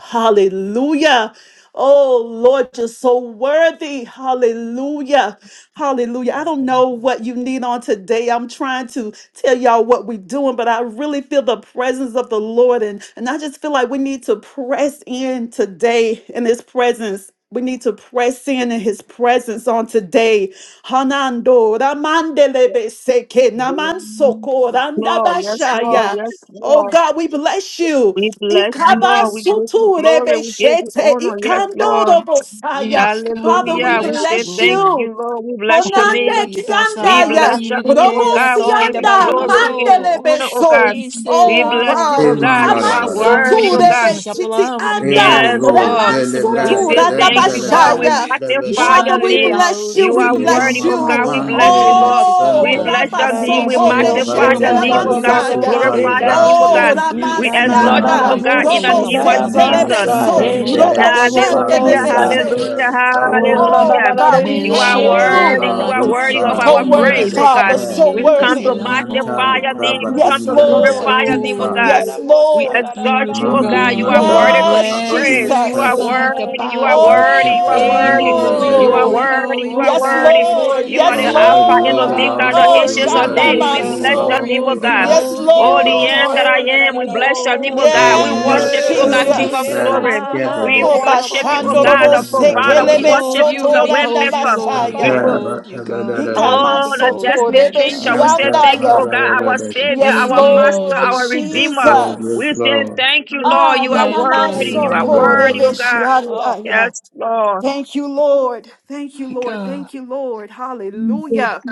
Speaker 1: Hallelujah. Oh Lord, you're so worthy. Hallelujah. Hallelujah. I don't know what you need on today. I'm trying to tell y'all what we're doing, but I really feel the presence of the Lord. And, and I just feel like we need to press in today in his presence. We need to press in in his presence on today. Hanando ramandelebe seke namansoko
Speaker 2: Lord, yes, Lord,
Speaker 1: randabashaya.
Speaker 2: yes,
Speaker 1: Oh
Speaker 2: Lord.
Speaker 1: God, we bless you.
Speaker 2: We bless you, Lord. We give you glory. We give you
Speaker 1: Ikabasuturebeshete,
Speaker 2: honor. Yes, Lord.
Speaker 1: ikandorobosaya.
Speaker 5: Yes, God,
Speaker 1: Father,
Speaker 5: we
Speaker 1: we
Speaker 2: Hallelujah. We
Speaker 5: bless you,
Speaker 2: say
Speaker 1: bless
Speaker 2: thank
Speaker 5: Lord.
Speaker 1: you.
Speaker 2: you, Lord. We bless your
Speaker 5: Oh,
Speaker 1: Konande
Speaker 2: name.
Speaker 5: you pass
Speaker 2: We
Speaker 5: out and
Speaker 1: kiandaya,
Speaker 2: bless your
Speaker 5: even the
Speaker 2: name, oh
Speaker 1: robo
Speaker 5: Kelly at
Speaker 2: God.
Speaker 5: the
Speaker 2: We
Speaker 5: end
Speaker 2: give you
Speaker 5: of
Speaker 1: sianda,
Speaker 5: our
Speaker 2: glory. We give you
Speaker 1: mandele
Speaker 5: soul.
Speaker 2: honor, oh
Speaker 1: beso.
Speaker 2: God. We
Speaker 1: Oh
Speaker 2: bless you,
Speaker 1: God,
Speaker 2: oh
Speaker 5: Instellando
Speaker 2: God. You
Speaker 1: ikaman
Speaker 5: custi
Speaker 2: are
Speaker 3: Imanda
Speaker 5: plavoni
Speaker 2: worthy,
Speaker 1: sutu
Speaker 2: oh
Speaker 5: vidi si
Speaker 1: rebe
Speaker 2: God.
Speaker 1: chiti
Speaker 5: sciapolavoni vidi
Speaker 1: anda,
Speaker 5: cosa
Speaker 2: Yes,
Speaker 3: Ebozo
Speaker 5: mola
Speaker 2: Lord.
Speaker 1: reman
Speaker 5: ma
Speaker 2: We
Speaker 1: sutu
Speaker 5: semblari
Speaker 3: delivrada
Speaker 2: say
Speaker 5: mi
Speaker 1: randa
Speaker 5: rina
Speaker 2: thank you,
Speaker 3: dandele
Speaker 2: God. We
Speaker 5: massa
Speaker 1: bashaya.
Speaker 3: felus
Speaker 5: di
Speaker 2: magnify
Speaker 3: prevede
Speaker 1: Father,
Speaker 2: your
Speaker 5: sciandere
Speaker 1: we
Speaker 2: name.
Speaker 5: velau no
Speaker 1: bless you,
Speaker 2: You
Speaker 1: we
Speaker 2: are
Speaker 5: molà
Speaker 2: worthy,
Speaker 1: bless
Speaker 2: oh
Speaker 3: imamama
Speaker 1: you.
Speaker 2: God. We bless
Speaker 3: mande
Speaker 2: you,
Speaker 3: ne
Speaker 5: mai
Speaker 2: Lord.
Speaker 5: se
Speaker 2: We
Speaker 1: Oh,
Speaker 3: santa
Speaker 5: tarama
Speaker 2: bless your name. We
Speaker 1: rabasoko
Speaker 3: no
Speaker 4: Da-da-da-da-bo,
Speaker 2: magnify
Speaker 5: instellamore
Speaker 1: beshete
Speaker 2: your
Speaker 3: bambo
Speaker 2: name,
Speaker 5: mai
Speaker 2: oh
Speaker 3: bali
Speaker 5: io a
Speaker 2: God. We
Speaker 4: shida-ba-ba-ba-bo,
Speaker 5: se
Speaker 3: iku
Speaker 1: lamansaya.
Speaker 3: palu
Speaker 2: glorify
Speaker 5: plavoni
Speaker 4: shida.
Speaker 2: your
Speaker 5: vidi
Speaker 2: name, oh
Speaker 3: brato
Speaker 1: Oh,
Speaker 2: God.
Speaker 5: crei
Speaker 3: si
Speaker 2: We
Speaker 5: e
Speaker 2: exalt
Speaker 3: ibaha
Speaker 2: you,
Speaker 1: Ramasianda,
Speaker 2: oh
Speaker 5: l'amore ti
Speaker 2: God,
Speaker 4: Ika-na-na-na-na-bo,
Speaker 2: in the
Speaker 5: insella
Speaker 1: Robo
Speaker 6: you.
Speaker 2: name of
Speaker 1: se
Speaker 5: l'amore ma se
Speaker 3: ne
Speaker 5: sei
Speaker 2: Jesus.
Speaker 4: shida-da-ba-sa,
Speaker 5: Cristo
Speaker 4: he,
Speaker 1: telebeso,
Speaker 5: l'amore ma
Speaker 3: brandandele
Speaker 1: Robo
Speaker 5: se
Speaker 3: iva
Speaker 6: Amen.
Speaker 2: Hallelujah,
Speaker 4: shada-ba-ba-ba-ba-sa.
Speaker 5: Cristo
Speaker 2: hallelujah,
Speaker 1: shandelebese.
Speaker 3: duzantele
Speaker 4: Oh,
Speaker 6: Amen.
Speaker 3: travada
Speaker 1: Oh
Speaker 2: hallelujah.
Speaker 1: God, we
Speaker 5: me
Speaker 4: la-la-la-la-la-dee,
Speaker 2: You
Speaker 1: thank
Speaker 5: la
Speaker 2: are
Speaker 1: you.
Speaker 2: worthy,
Speaker 5: rondeva
Speaker 2: you
Speaker 3: eka
Speaker 5: la
Speaker 2: are
Speaker 4: shida-ba-ba-ba.
Speaker 5: ti
Speaker 2: worthy of
Speaker 3: rusa
Speaker 1: So
Speaker 2: our
Speaker 5: tienero ma
Speaker 1: worthy,
Speaker 2: praise, oh God.
Speaker 1: Father, so
Speaker 2: We
Speaker 3: feleste
Speaker 5: vidi che
Speaker 2: come
Speaker 4: Da-na-na-na-na-na-na,
Speaker 5: sei
Speaker 2: to
Speaker 1: worthy.
Speaker 3: nianta
Speaker 2: magnify your
Speaker 5: l'amore
Speaker 3: lucrava
Speaker 2: name, we
Speaker 4: shida-na-na-na-na-bo,
Speaker 2: come
Speaker 1: Yes,
Speaker 2: to
Speaker 5: you're
Speaker 4: sayaka,
Speaker 1: Lord.
Speaker 3: duzandele
Speaker 2: glorify your name, oh
Speaker 3: ifa
Speaker 2: God.
Speaker 1: Yes,
Speaker 5: so
Speaker 4: shida-da-da-da-da-bo,
Speaker 2: We
Speaker 4: sa,
Speaker 1: Lord.
Speaker 2: exalt you,
Speaker 5: Beautiful
Speaker 2: oh
Speaker 4: la-la-la-la-la-ba.
Speaker 3: mandi
Speaker 2: God. You are
Speaker 5: God, we
Speaker 2: worthy to
Speaker 3: mandara
Speaker 2: be
Speaker 4: Isheka-da-da-da-da-da-bo,
Speaker 1: Yes,
Speaker 5: bless
Speaker 2: praised.
Speaker 3: abadus
Speaker 5: you,
Speaker 2: You
Speaker 4: sa.
Speaker 5: we
Speaker 4: la la la la la ba. Ishe ka da
Speaker 3: head
Speaker 2: are
Speaker 4: da
Speaker 1: Jesus.
Speaker 4: da
Speaker 5: might
Speaker 4: da
Speaker 5: the
Speaker 4: da
Speaker 2: worthy,
Speaker 4: da
Speaker 2: you
Speaker 4: bo
Speaker 2: are
Speaker 5: power.
Speaker 2: worthy,
Speaker 4: sa.
Speaker 2: you
Speaker 3: Rakete
Speaker 2: are
Speaker 5: Hey,
Speaker 2: worthy,
Speaker 5: holy,
Speaker 2: you
Speaker 4: Hey,
Speaker 2: are
Speaker 3: muze
Speaker 5: holy,
Speaker 1: Oh,
Speaker 2: worthy,
Speaker 5: holy,
Speaker 2: you
Speaker 4: yadadabobo,
Speaker 2: are
Speaker 5: we
Speaker 1: yes,
Speaker 5: bow
Speaker 2: worthy.
Speaker 5: before
Speaker 1: Lord.
Speaker 2: You
Speaker 3: You
Speaker 2: are
Speaker 4: sirerere,
Speaker 1: Yes,
Speaker 3: are
Speaker 5: you.
Speaker 2: the
Speaker 4: she,
Speaker 2: Alpha
Speaker 3: worthy, O
Speaker 2: and
Speaker 5: We
Speaker 1: Lord.
Speaker 5: bow
Speaker 2: Omega,
Speaker 4: baba.
Speaker 3: Lord.
Speaker 2: the
Speaker 1: Oh,
Speaker 5: before
Speaker 3: You are
Speaker 2: Ancients of
Speaker 5: you.
Speaker 3: worthy,
Speaker 2: Days.
Speaker 5: We
Speaker 2: We
Speaker 3: O
Speaker 5: bow
Speaker 4: Hey,
Speaker 2: bless your
Speaker 5: before
Speaker 3: Lord.
Speaker 1: Shadabaso.
Speaker 2: name,
Speaker 5: you.
Speaker 2: oh
Speaker 5: We
Speaker 3: You are
Speaker 2: God.
Speaker 4: yababobosa.
Speaker 1: Yes,
Speaker 3: worthy,
Speaker 5: behold
Speaker 3: O
Speaker 2: Oh,
Speaker 5: you. We
Speaker 2: the
Speaker 3: Lord.
Speaker 2: end that
Speaker 4: Ika
Speaker 1: Lord.
Speaker 4: na
Speaker 5: behold
Speaker 4: na
Speaker 2: I
Speaker 5: you.
Speaker 4: na
Speaker 2: am,
Speaker 5: We
Speaker 4: na
Speaker 2: we
Speaker 4: na
Speaker 2: bless your
Speaker 5: behold
Speaker 2: name,
Speaker 5: you.
Speaker 2: oh
Speaker 4: bobo,
Speaker 2: God.
Speaker 3: E
Speaker 4: ye
Speaker 2: We
Speaker 4: de de de
Speaker 1: Yes,
Speaker 2: worship
Speaker 4: be
Speaker 5: Yeah,
Speaker 2: you, oh
Speaker 4: be
Speaker 3: massa
Speaker 2: God,
Speaker 5: who
Speaker 4: be,
Speaker 5: who
Speaker 2: King
Speaker 3: nos
Speaker 2: of
Speaker 5: is
Speaker 4: she da
Speaker 5: up
Speaker 1: Jesus.
Speaker 5: a
Speaker 4: da
Speaker 3: prales
Speaker 2: glory.
Speaker 4: bo bo
Speaker 5: high, high,
Speaker 2: We
Speaker 5: we
Speaker 3: quebrade,
Speaker 1: Oh,
Speaker 5: but
Speaker 4: she.
Speaker 2: worship you,
Speaker 5: always
Speaker 2: oh
Speaker 3: nos
Speaker 5: see.
Speaker 2: God,
Speaker 1: Bashandorobo
Speaker 2: our
Speaker 5: We
Speaker 2: provider. We
Speaker 4: Ooh,
Speaker 3: andarabarabe,
Speaker 1: Sekelebe
Speaker 4: la la
Speaker 5: behold
Speaker 2: worship
Speaker 4: la la
Speaker 2: you,
Speaker 5: you.
Speaker 4: la
Speaker 5: We
Speaker 2: the
Speaker 4: de
Speaker 2: way
Speaker 1: Sotoranda
Speaker 5: behold
Speaker 4: shika
Speaker 5: you,
Speaker 2: maker.
Speaker 4: da
Speaker 5: Lord. We
Speaker 2: We
Speaker 1: Bashaya.
Speaker 4: baba.
Speaker 2: put
Speaker 5: behold
Speaker 3: antara
Speaker 5: you, God. We,
Speaker 3: cabadarabe,
Speaker 1: Hikaman
Speaker 5: we
Speaker 2: all the
Speaker 4: Hey,
Speaker 5: behold you,
Speaker 2: destiny
Speaker 4: she
Speaker 5: mighty
Speaker 2: changer.
Speaker 4: baba
Speaker 5: God.
Speaker 2: We
Speaker 4: baba
Speaker 2: say
Speaker 4: ba
Speaker 3: antara
Speaker 2: thank you,
Speaker 1: Sotorebeshiandaya.
Speaker 2: oh God, our
Speaker 4: saya.
Speaker 3: barabe.
Speaker 2: savior,
Speaker 1: Yes,
Speaker 5: We
Speaker 2: our
Speaker 4: Hey,
Speaker 2: master,
Speaker 5: behold
Speaker 1: Lord
Speaker 5: you,
Speaker 2: our
Speaker 3: Yes,
Speaker 2: redeemer.
Speaker 3: Lord,
Speaker 1: Jesus.
Speaker 3: yes,
Speaker 2: We say
Speaker 3: Lord.
Speaker 2: thank you, Lord. You are
Speaker 5: mighty God.
Speaker 2: worthy.
Speaker 5: We
Speaker 2: You are
Speaker 3: Amen.
Speaker 5: behold you,
Speaker 2: worthy, oh
Speaker 3: Lord.
Speaker 2: God.
Speaker 4: oh.
Speaker 1: Yanamasokorebeshiandaya.
Speaker 2: Yes, Lord.
Speaker 1: Thank you, Lord. Thank you,
Speaker 5: my
Speaker 1: Lord.
Speaker 5: God.
Speaker 1: Thank you, Lord. Hallelujah.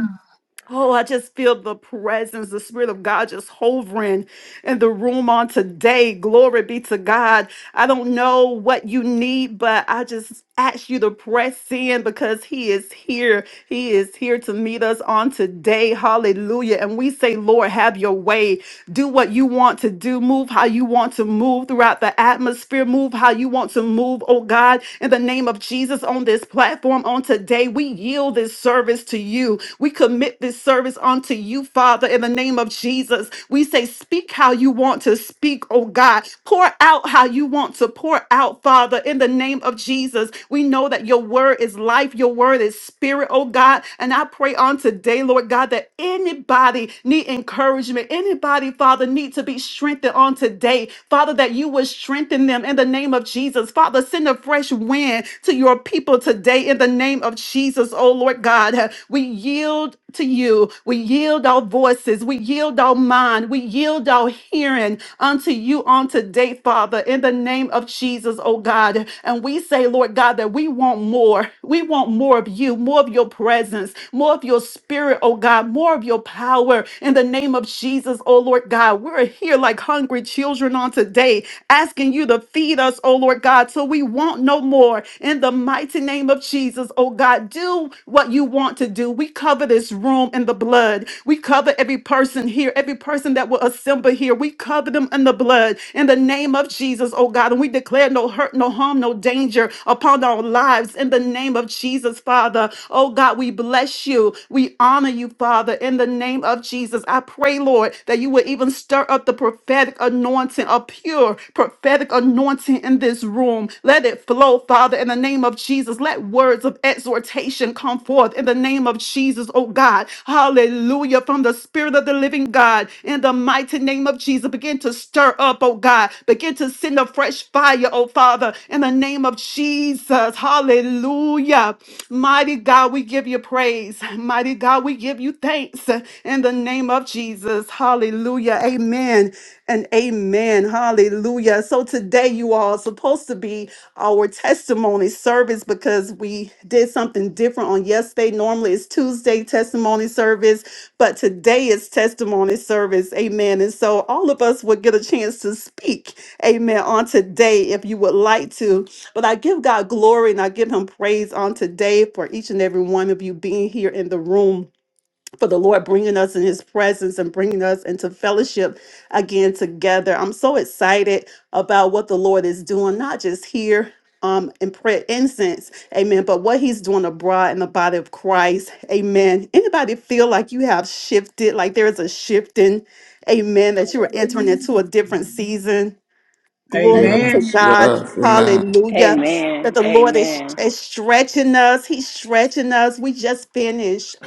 Speaker 1: Oh, I just feel the presence, the Spirit of God just hovering in the room on today. Glory be to God. I don't know what you need, but I just ask you to press in because He is here. He is here to meet us on today. Hallelujah. And we say, Lord, have your way do what you want to do, move how you want to move throughout the atmosphere, move how you want to move, oh God, in the name of Jesus on this platform on today. We yield this service to you. We commit this service unto you, Father, in the name of Jesus. We say, speak how you want to speak, oh God. Pour out how you want to pour out, Father, in the name of Jesus. We know that your word is life, your word is spirit, oh God. And I pray on today, Lord God, that anybody anybody need encouragement, anybody, Father, need to be strengthened on today, Father, that you would strengthen them in the name of Jesus. Father, send a fresh wind to your people today in the name of Jesus, oh Lord God. We yield to you. We yield our voices. We yield our mind. We yield our hearing unto you on today, Father, in the name of Jesus, oh God. And we say, Lord God, that we want more. We want more of you, more of your presence, more of your spirit Spirit, oh God, more of your power in the name of Jesus, oh Lord God. We're here like hungry children on today, asking you to feed us, oh Lord God, so we want no more. In the mighty name of Jesus, oh God, do what you want to do. We cover this room in the blood. We cover every person here, every person that will assemble here. We cover them in the blood in the name of Jesus, oh God. And we declare no hurt, no harm, no danger upon our lives in the name of Jesus, Father. Oh God, we bless you. We honor you, Father, in the name of Jesus. I pray, Lord, that you would even stir up the prophetic anointing, a pure prophetic anointing in this room. Let it flow, Father, in the name of Jesus. Let words of exhortation come forth in the name of Jesus, oh God. Hallelujah. From the Spirit of the living God, in the mighty name of Jesus, begin to stir up, oh God. Begin to send a fresh fire, oh Father, in the name of Jesus. Hallelujah. Hallelujah. Mighty God, we give you praise. Mighty God, we give you thanks in the name of Jesus. Hallelujah. Amen and amen. Hallelujah. So today you all are supposed to be our testimony service because we did something different on yesterday. Normally it's Tuesday testimony service, but today is testimony service. Amen. And so all of us would get a chance to speak. Amen. On today, if you would like to. But I give God glory and I give him praise on today for each and every one of you being here in the room, for the Lord bringing us in his presence and bringing us into fellowship again together. I'm so excited about what the Lord is doing, not just here. Um, in prayer incense, amen. But what he's doing abroad in the body of Christ, amen. Anybody feel like you have shifted, like there is a shifting, amen, that you are entering into a different season? Glory be to
Speaker 6: Amen.
Speaker 3: Yes,
Speaker 1: God.
Speaker 3: yes, amen.
Speaker 1: Hallelujah. That
Speaker 4: Amen.
Speaker 1: the Lord is,
Speaker 4: Amen.
Speaker 1: is stretching us. He's stretching us. We just finished.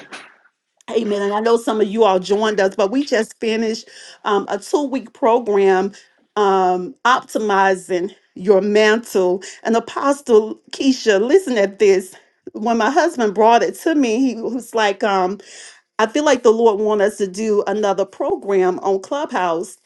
Speaker 1: Amen. And I know some of you all joined us, but we just finished um, a two week program um, optimizing your mantle. And Apostle Keisha, listen at this. When my husband brought it to me, he was like, um, I feel like the Lord want us to do another program on Clubhouse.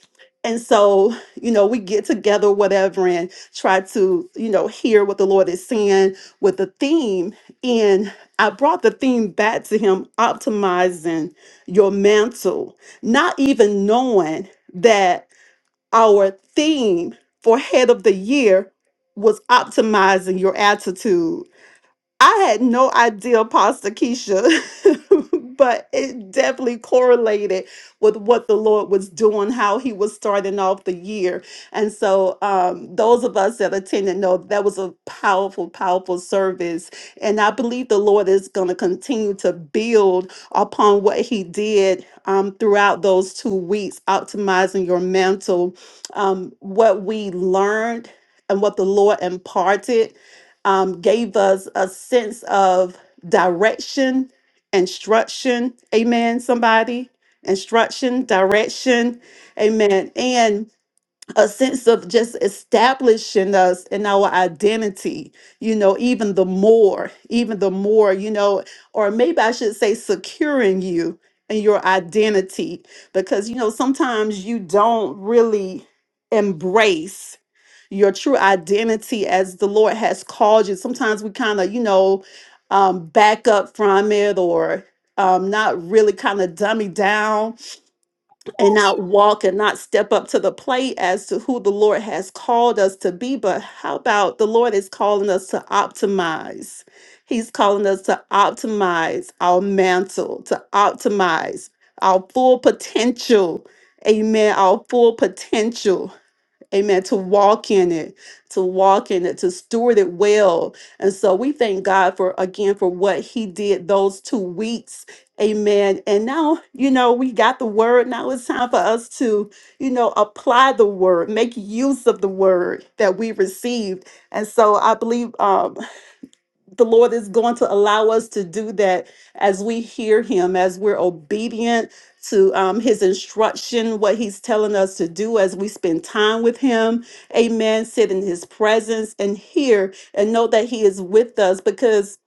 Speaker 1: And so, you know, we get together, whatever, and try to, you know, hear what the Lord is saying with the theme. And I brought the theme back to Him optimizing your mantle, not even knowing that our theme for head of the year was optimizing your attitude I had no idea, Pastor Keisha, but it definitely correlated with what the Lord was doing, how He was starting off the year. And so, um, those of us that attended know that was a powerful, powerful service. And I believe the Lord is going to continue to build upon what He did um, throughout those two weeks, optimizing your mantle. um, what we learned and what the Lord imparted um, gave us a sense of direction, instruction. Amen, somebody. Instruction, direction. Amen. And a sense of just establishing us in our identity, you know, even the more, even the more, you know, or maybe I should say securing you and your identity because, you know, sometimes you don't really embrace your true identity as the Lord has called you. Sometimes we kind of, you know, um, back up from it or um, not really kind of dummy down and not walk and not step up to the plate as to who the Lord has called us to be. But how about the Lord is calling us to optimize? He's calling us to optimize our mantle, to optimize our full potential. Amen. Our full potential. Amen. To walk in it, to walk in it, to steward it well. And so we thank God for, again, for what he did those two weeks. Amen. And now, you know, we got the word. Now it's time for us to, you know, apply the word, make use of the word that we received. And so I believe um, the Lord is going to allow us to do that as we hear Him, as we're obedient to um, His instruction, what He's telling us to do, as we spend time with Him. Amen. Sit in His presence and hear and know that He is with us because,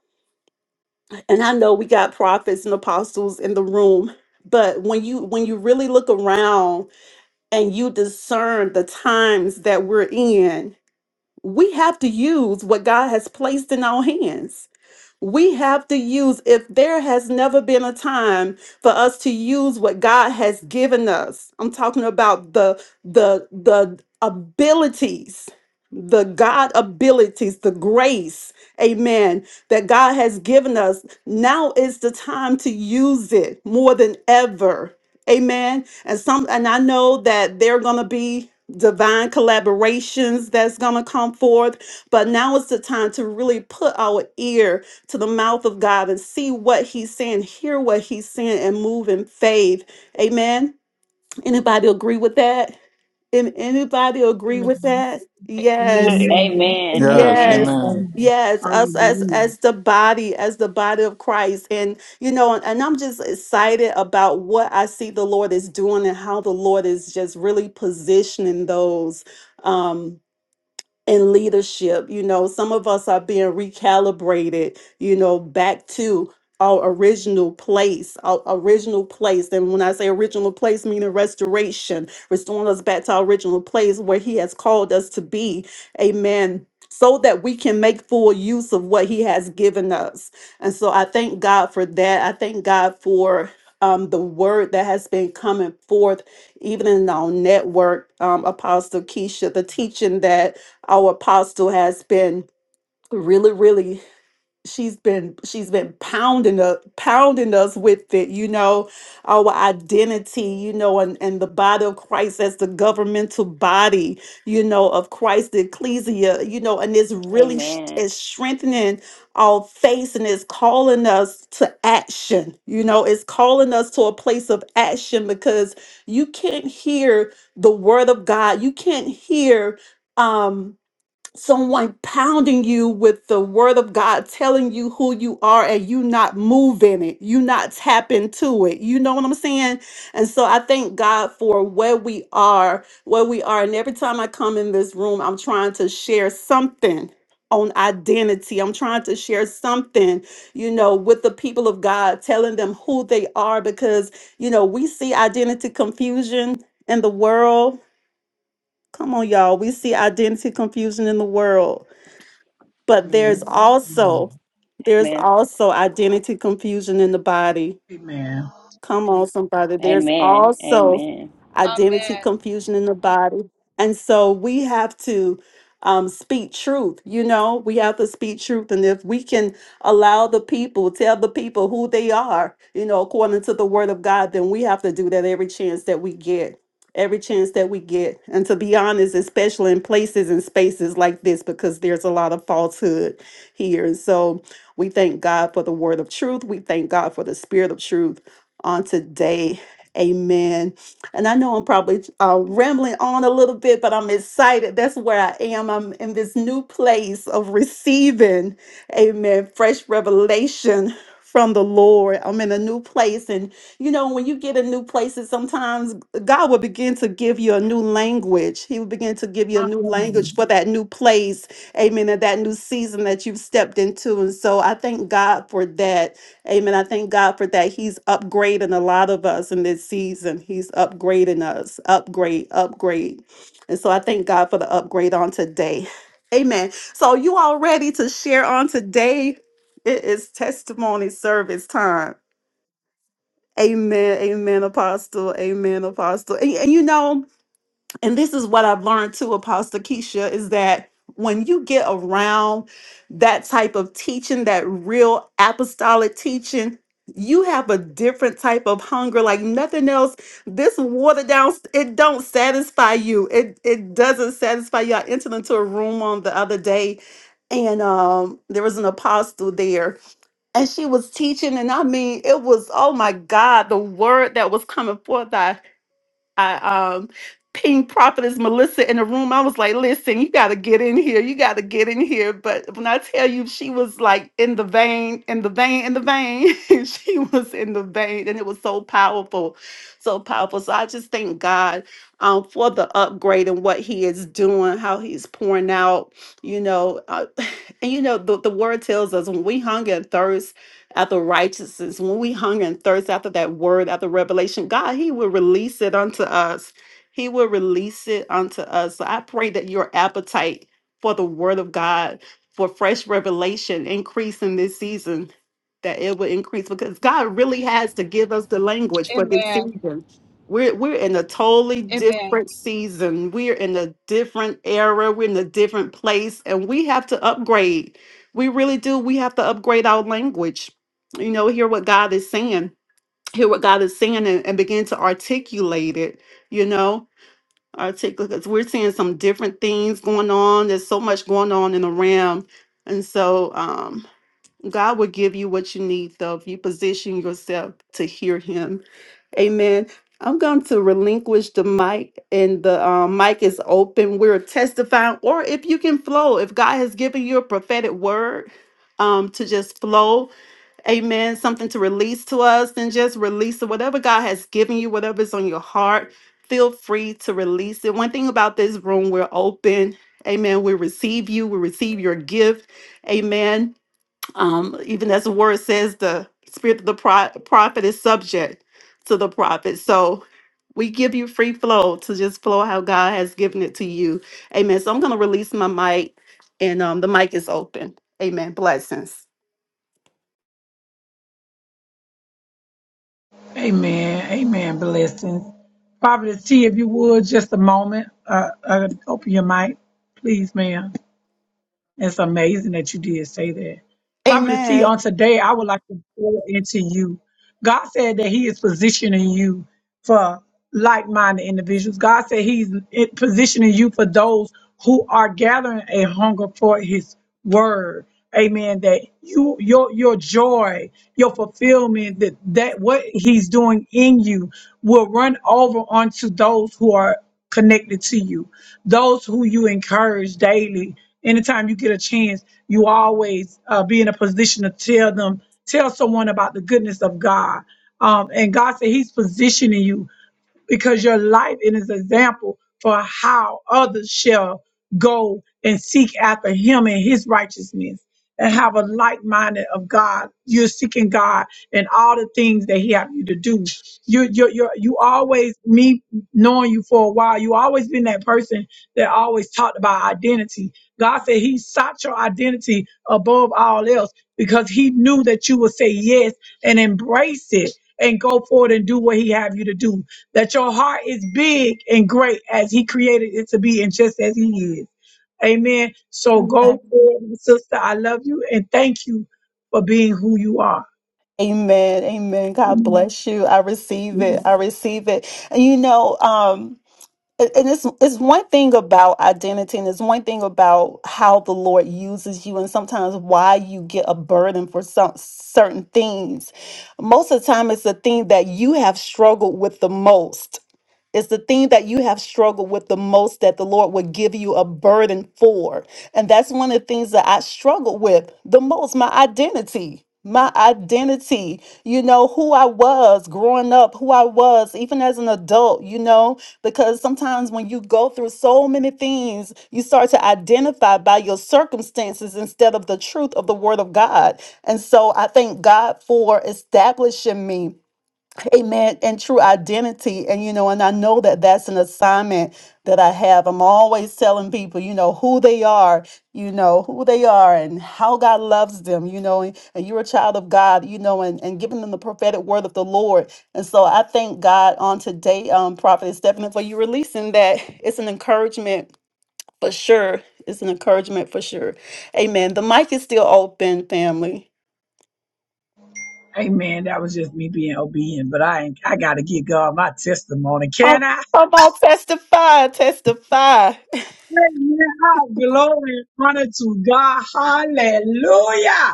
Speaker 1: and I know we got prophets and apostles in the room but when you when you really look around and you discern the times that we're in we have to use what god has placed in our hands we have to use, if there has never been a time for us to use what God has given us. I'm talking about the the the abilities, the God abilities, the grace, amen, that God has given us. Now is the time to use it more than ever. Amen. And some and I know that there are gonna be divine collaborations that's gonna come forth, but now is the time to really put our ear to the mouth of God and see what he's saying, hear what he's saying, and move in faith. Amen. Anybody agree with that? An- Anybody agree with that? Yes.
Speaker 2: Amen.
Speaker 4: Amen.
Speaker 3: Yes,
Speaker 1: Yes.
Speaker 4: Amen.
Speaker 3: amen.
Speaker 2: Amen.
Speaker 6: Amen.
Speaker 1: Yes, us as
Speaker 6: Hallelujah.
Speaker 1: as the body, as the body of Christ. And you know, and, and I'm just excited about what I see the Lord is doing and how the Lord is just really positioning those. um, in leadership. You know, some of us are being recalibrated, you know, back to our original place, our original place. And when I say original place, meaning restoration, restoring us back to our original place where He has called us to be. Amen. So that we can make full use of what He has given us. And so I thank God for that. I thank God for. Um, the word that has been coming forth, even in our network, um, Apostle Keisha, the teaching that our apostle has been really really she's been she's been pounding up pounding us with it you know our identity you know and, and the body of christ as the governmental body you know of christ the ecclesia you know and it's really sh-
Speaker 4: Amen.
Speaker 1: it's strengthening our faith and it's calling us to action you know it's calling us to a place of action because you can't hear the word of god you can't hear um someone pounding you with the word of God telling you who you are and you not move in it, you not tap into it. You know what I'm saying? And so I thank God for where we are, where we are. And every time I come in this room, I'm trying to share something on identity. I'm trying to share something, you know, with the people of God, telling them who they are because, you know, we see identity confusion in the world. Come on, y'all. We see identity confusion in the world but there's also
Speaker 6: Amen.
Speaker 1: there's
Speaker 4: Amen.
Speaker 1: also identity confusion in the body
Speaker 6: Amen.
Speaker 1: Come on, somebody. There's
Speaker 4: Amen.
Speaker 1: also
Speaker 4: Amen.
Speaker 1: identity
Speaker 7: Amen.
Speaker 1: confusion in the body. And so we have to um, speak truth. You know, we have to speak truth. And if we can allow the people, tell the people who they are, you know, according to the word of God, then we have to do that every chance that we get. Every chance that we get. And to be honest, especially in places and spaces like this, because there's a lot of falsehood here. And so we thank God for the word of truth. We thank God for the spirit of truth on today. Amen. And I know I'm probably uh, rambling on a little bit, but I'm excited. That's where I am. I'm in this new place of receiving Amen. Fresh revelation from the Lord. I'm in a new place. And you know, when you get in new places, sometimes God will begin to give you a new language. He will begin to give you a new language
Speaker 6: Amen.
Speaker 1: for that new place. Amen. And that new season that you've stepped into. And so I thank God for that. Amen. I thank God for that. He's upgrading a lot of us in this season. He's upgrading us. Upgrade, upgrade. And so I thank God for the upgrade on today. Amen. So you all ready to share on today? It is testimony service time. Amen. Amen, Apostle. Amen, Apostle. And, and you know, and this is what I've learned too, Apostle Keisha, is that when you get around that type of teaching, that real apostolic teaching, you have a different type of hunger, like nothing else. This watered down, it don't satisfy you. It it doesn't satisfy you. I entered into a room on the other day, and um, there was an apostle there, and she was teaching, and I mean, it was oh my God, the word that was coming forth. I um pinged prophetess Melissa in the room. I was like, listen, you gotta get in here. You gotta get in here. But when I tell you she was like in the vein, in the vein, in the vein, she was in the vein. And it was so powerful. So powerful. So I just thank God um for the upgrade and what he is doing, how he's pouring out, you know. Uh, and you know, the, the word tells us when we hunger and thirst after righteousness, when we hunger and thirst after that word, after revelation, God, He will release it unto us. He will release it unto us. So I pray that your appetite for the word of God, for fresh revelation, increase in this season, that it will increase because God really has to give us the language for this
Speaker 7: Amen.
Speaker 1: season. We're, we're in a totally
Speaker 7: Amen.
Speaker 1: different season. We're in a different era. We're in a different place, and we have to upgrade. We really do. We have to upgrade our language you know, hear what God is saying, hear what God is saying, and, and begin to articulate it, you know, articulate because we're seeing some different things going on. There's so much going on in the realm. And so um, God will give you what you need, though, if you position yourself to hear Him. Amen. I'm going to relinquish the mic, and the um, mic is open. We're testifying, or if you can flow, if God has given you a prophetic word, um, to just flow amen, something to release to us, then just release it. Whatever God has given you, whatever's on your heart, feel free to release it. One thing about this room, we're open. Amen. We receive you. We receive your gift. Amen. Um, even as the word says, the spirit of the pro- prophet is subject to the prophet. So we give you free flow to just flow how God has given it to you. Amen. So I'm going to release my mic, and um, the mic is open. Amen. Blessings.
Speaker 6: Amen. Amen. Blessings. Prophet T, if you would, just a moment. Uh, uh, open your mic, please, ma'am. It's amazing that you did say that. Prophet C,
Speaker 1: Amen.
Speaker 6: on today, I would like to pour into you. God said that He is positioning you for like minded individuals. God said He's it- positioning you for those who are gathering a hunger for His word. Amen. That you your your joy, your fulfillment, that, that what he's doing in you will run over onto those who are connected to you those who you encourage daily, anytime you get a chance, you always uh, be in a position to tell them, tell someone about the goodness of God. Um, and God said He's positioning you because your life it is an example for how others shall go and seek after him and his righteousness and have a like minded of God. You're seeking God and all the things that he have you to do. You you you you always me knowing you for a while, you always been that person that always talked about identity. God said he sought your identity above all else because he knew that you would say yes and embrace it and go forward and do what he have you to do that your heart is big and great as he created it to be and just as he is. Amen. So go forward, my sister. I love you and thank you for being who you are.
Speaker 1: Amen. Amen. God bless you. I receive it. I receive it. And you know, um, and and it's it's one thing about identity, and it's one thing about how the Lord uses you, and sometimes why you get a burden for some certain things. Most of the time, it's the thing that you have struggled with the most. It's the thing that you have struggled with the most that the Lord would give you a burden for. And that's one of the things that I struggled with the most my identity. My identity, you know, who I was growing up, who I was even as an adult, you know, because sometimes when you go through so many things, you start to identify by your circumstances instead of the truth of the Word of God. And so I thank God for establishing me Amen. And true identity. And, you know, and I know that that's an assignment that I have. I'm always telling people, you know, who they are, you know, who they are and how God loves them, you know, and, and you're a child of God, you know, and, and giving them the prophetic word of the Lord. And so I thank God on today, um, Prophet Stephanie, for you releasing that. It's an encouragement for sure. It's an encouragement for sure. Amen. The mic is still open, family.
Speaker 6: Amen. That was just me being obedient, but I ain't, I gotta give God my testimony.
Speaker 1: Oh,
Speaker 6: Can I?
Speaker 1: come on, testify, testify.
Speaker 6: Amen. All glory, and honor to God. Hallelujah.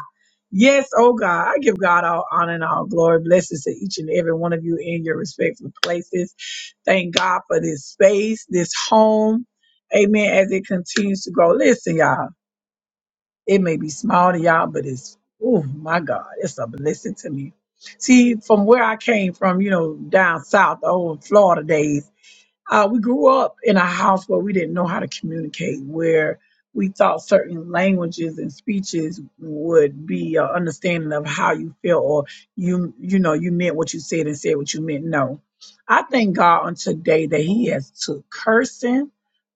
Speaker 6: Yes, oh God, I give God all honor and all glory. Blessings to each and every one of you in your respectful places. Thank God for this space, this home. Amen. As it continues to grow. Listen, y'all, it may be small to y'all, but it's, oh my God, it's a blessing to me. See, from where I came from, you know, down south, the old Florida days, uh, we grew up in a house where we didn't know how to communicate, where we thought certain languages and speeches would be an understanding of how you feel or you you know you meant what you said and said what you meant. No, I thank God on today that He has took cursing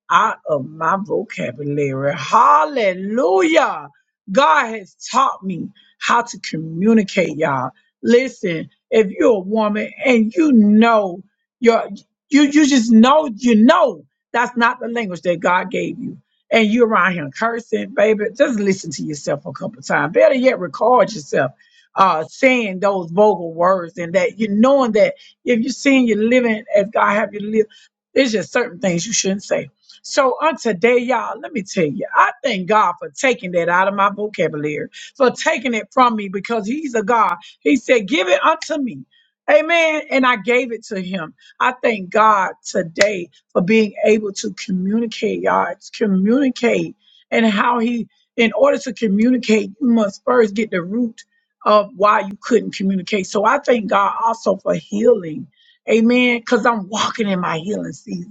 Speaker 6: out of my vocabulary. Hallelujah. God has taught me how to communicate, y'all. Listen, if you're a woman and you know your you you just know you know that's not the language that God gave you. And you're around here cursing, baby. Just listen to yourself a couple times. Better yet, record yourself uh, saying those vocal words, and that you knowing that if you're seeing you're living as God have you live, there's just certain things you shouldn't say so on today, y'all, let me tell you, I thank God for taking that out of my vocabulary, for taking it from me because He's a God. He said, Give it unto me. Amen. And I gave it to him. I thank God today for being able to communicate, y'all. It's communicate and how he, in order to communicate, you must first get the root of why you couldn't communicate. So I thank God also for healing. Amen. Because I'm walking in my healing season.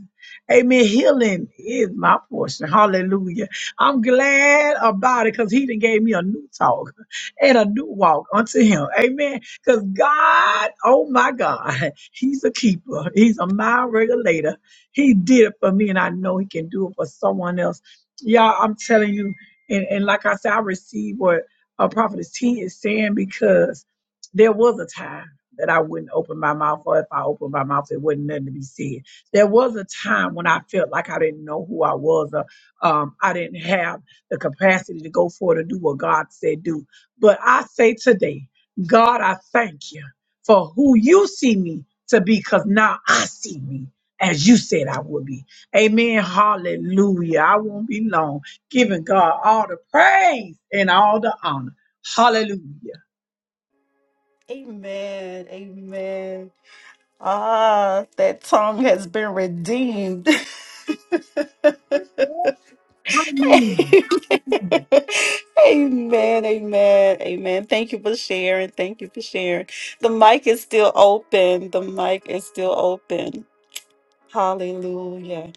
Speaker 6: Amen. Healing is my portion. Hallelujah. I'm glad about it because he done gave me a new talk and a new walk unto him. Amen. Because God, oh my God, he's a keeper. He's a mile regulator. He did it for me and I know he can do it for someone else. Y'all, I'm telling you, and, and like I said, I received what a prophetess T is saying because there was a time that I wouldn't open my mouth or if I opened my mouth, there wasn't nothing to be said there was a time when I felt like I didn't know who I was, or um, I didn't have the capacity to go forward and do what God said do. But I say today, God, I thank you for who you see me to be, because now I see me as you said I would be. Amen. Hallelujah. I won't be long giving God all the praise and all the honor. Hallelujah.
Speaker 1: Amen. Amen. Ah, that tongue has been redeemed.
Speaker 6: Amen.
Speaker 1: amen. Amen. Amen. Amen. Thank you for sharing. Thank you for sharing. The mic is still open. The mic is still open. Hallelujah.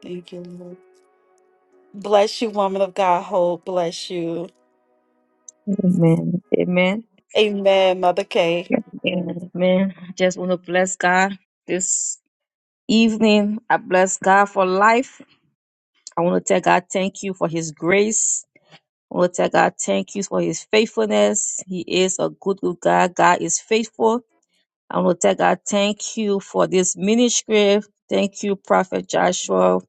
Speaker 1: Thank you, Lord. Bless you, woman of God. Hope. Bless you.
Speaker 2: Amen.
Speaker 1: Amen, Mother Kay.
Speaker 2: Amen. I just want to bless God this evening. I bless God for life. I want to tell God thank you for his grace. Lord tell God, thank you for his faithfulness. He is a good, good God. God is faithful. And Lord tell God, thank you for this ministry. Thank you, Prophet Joshua,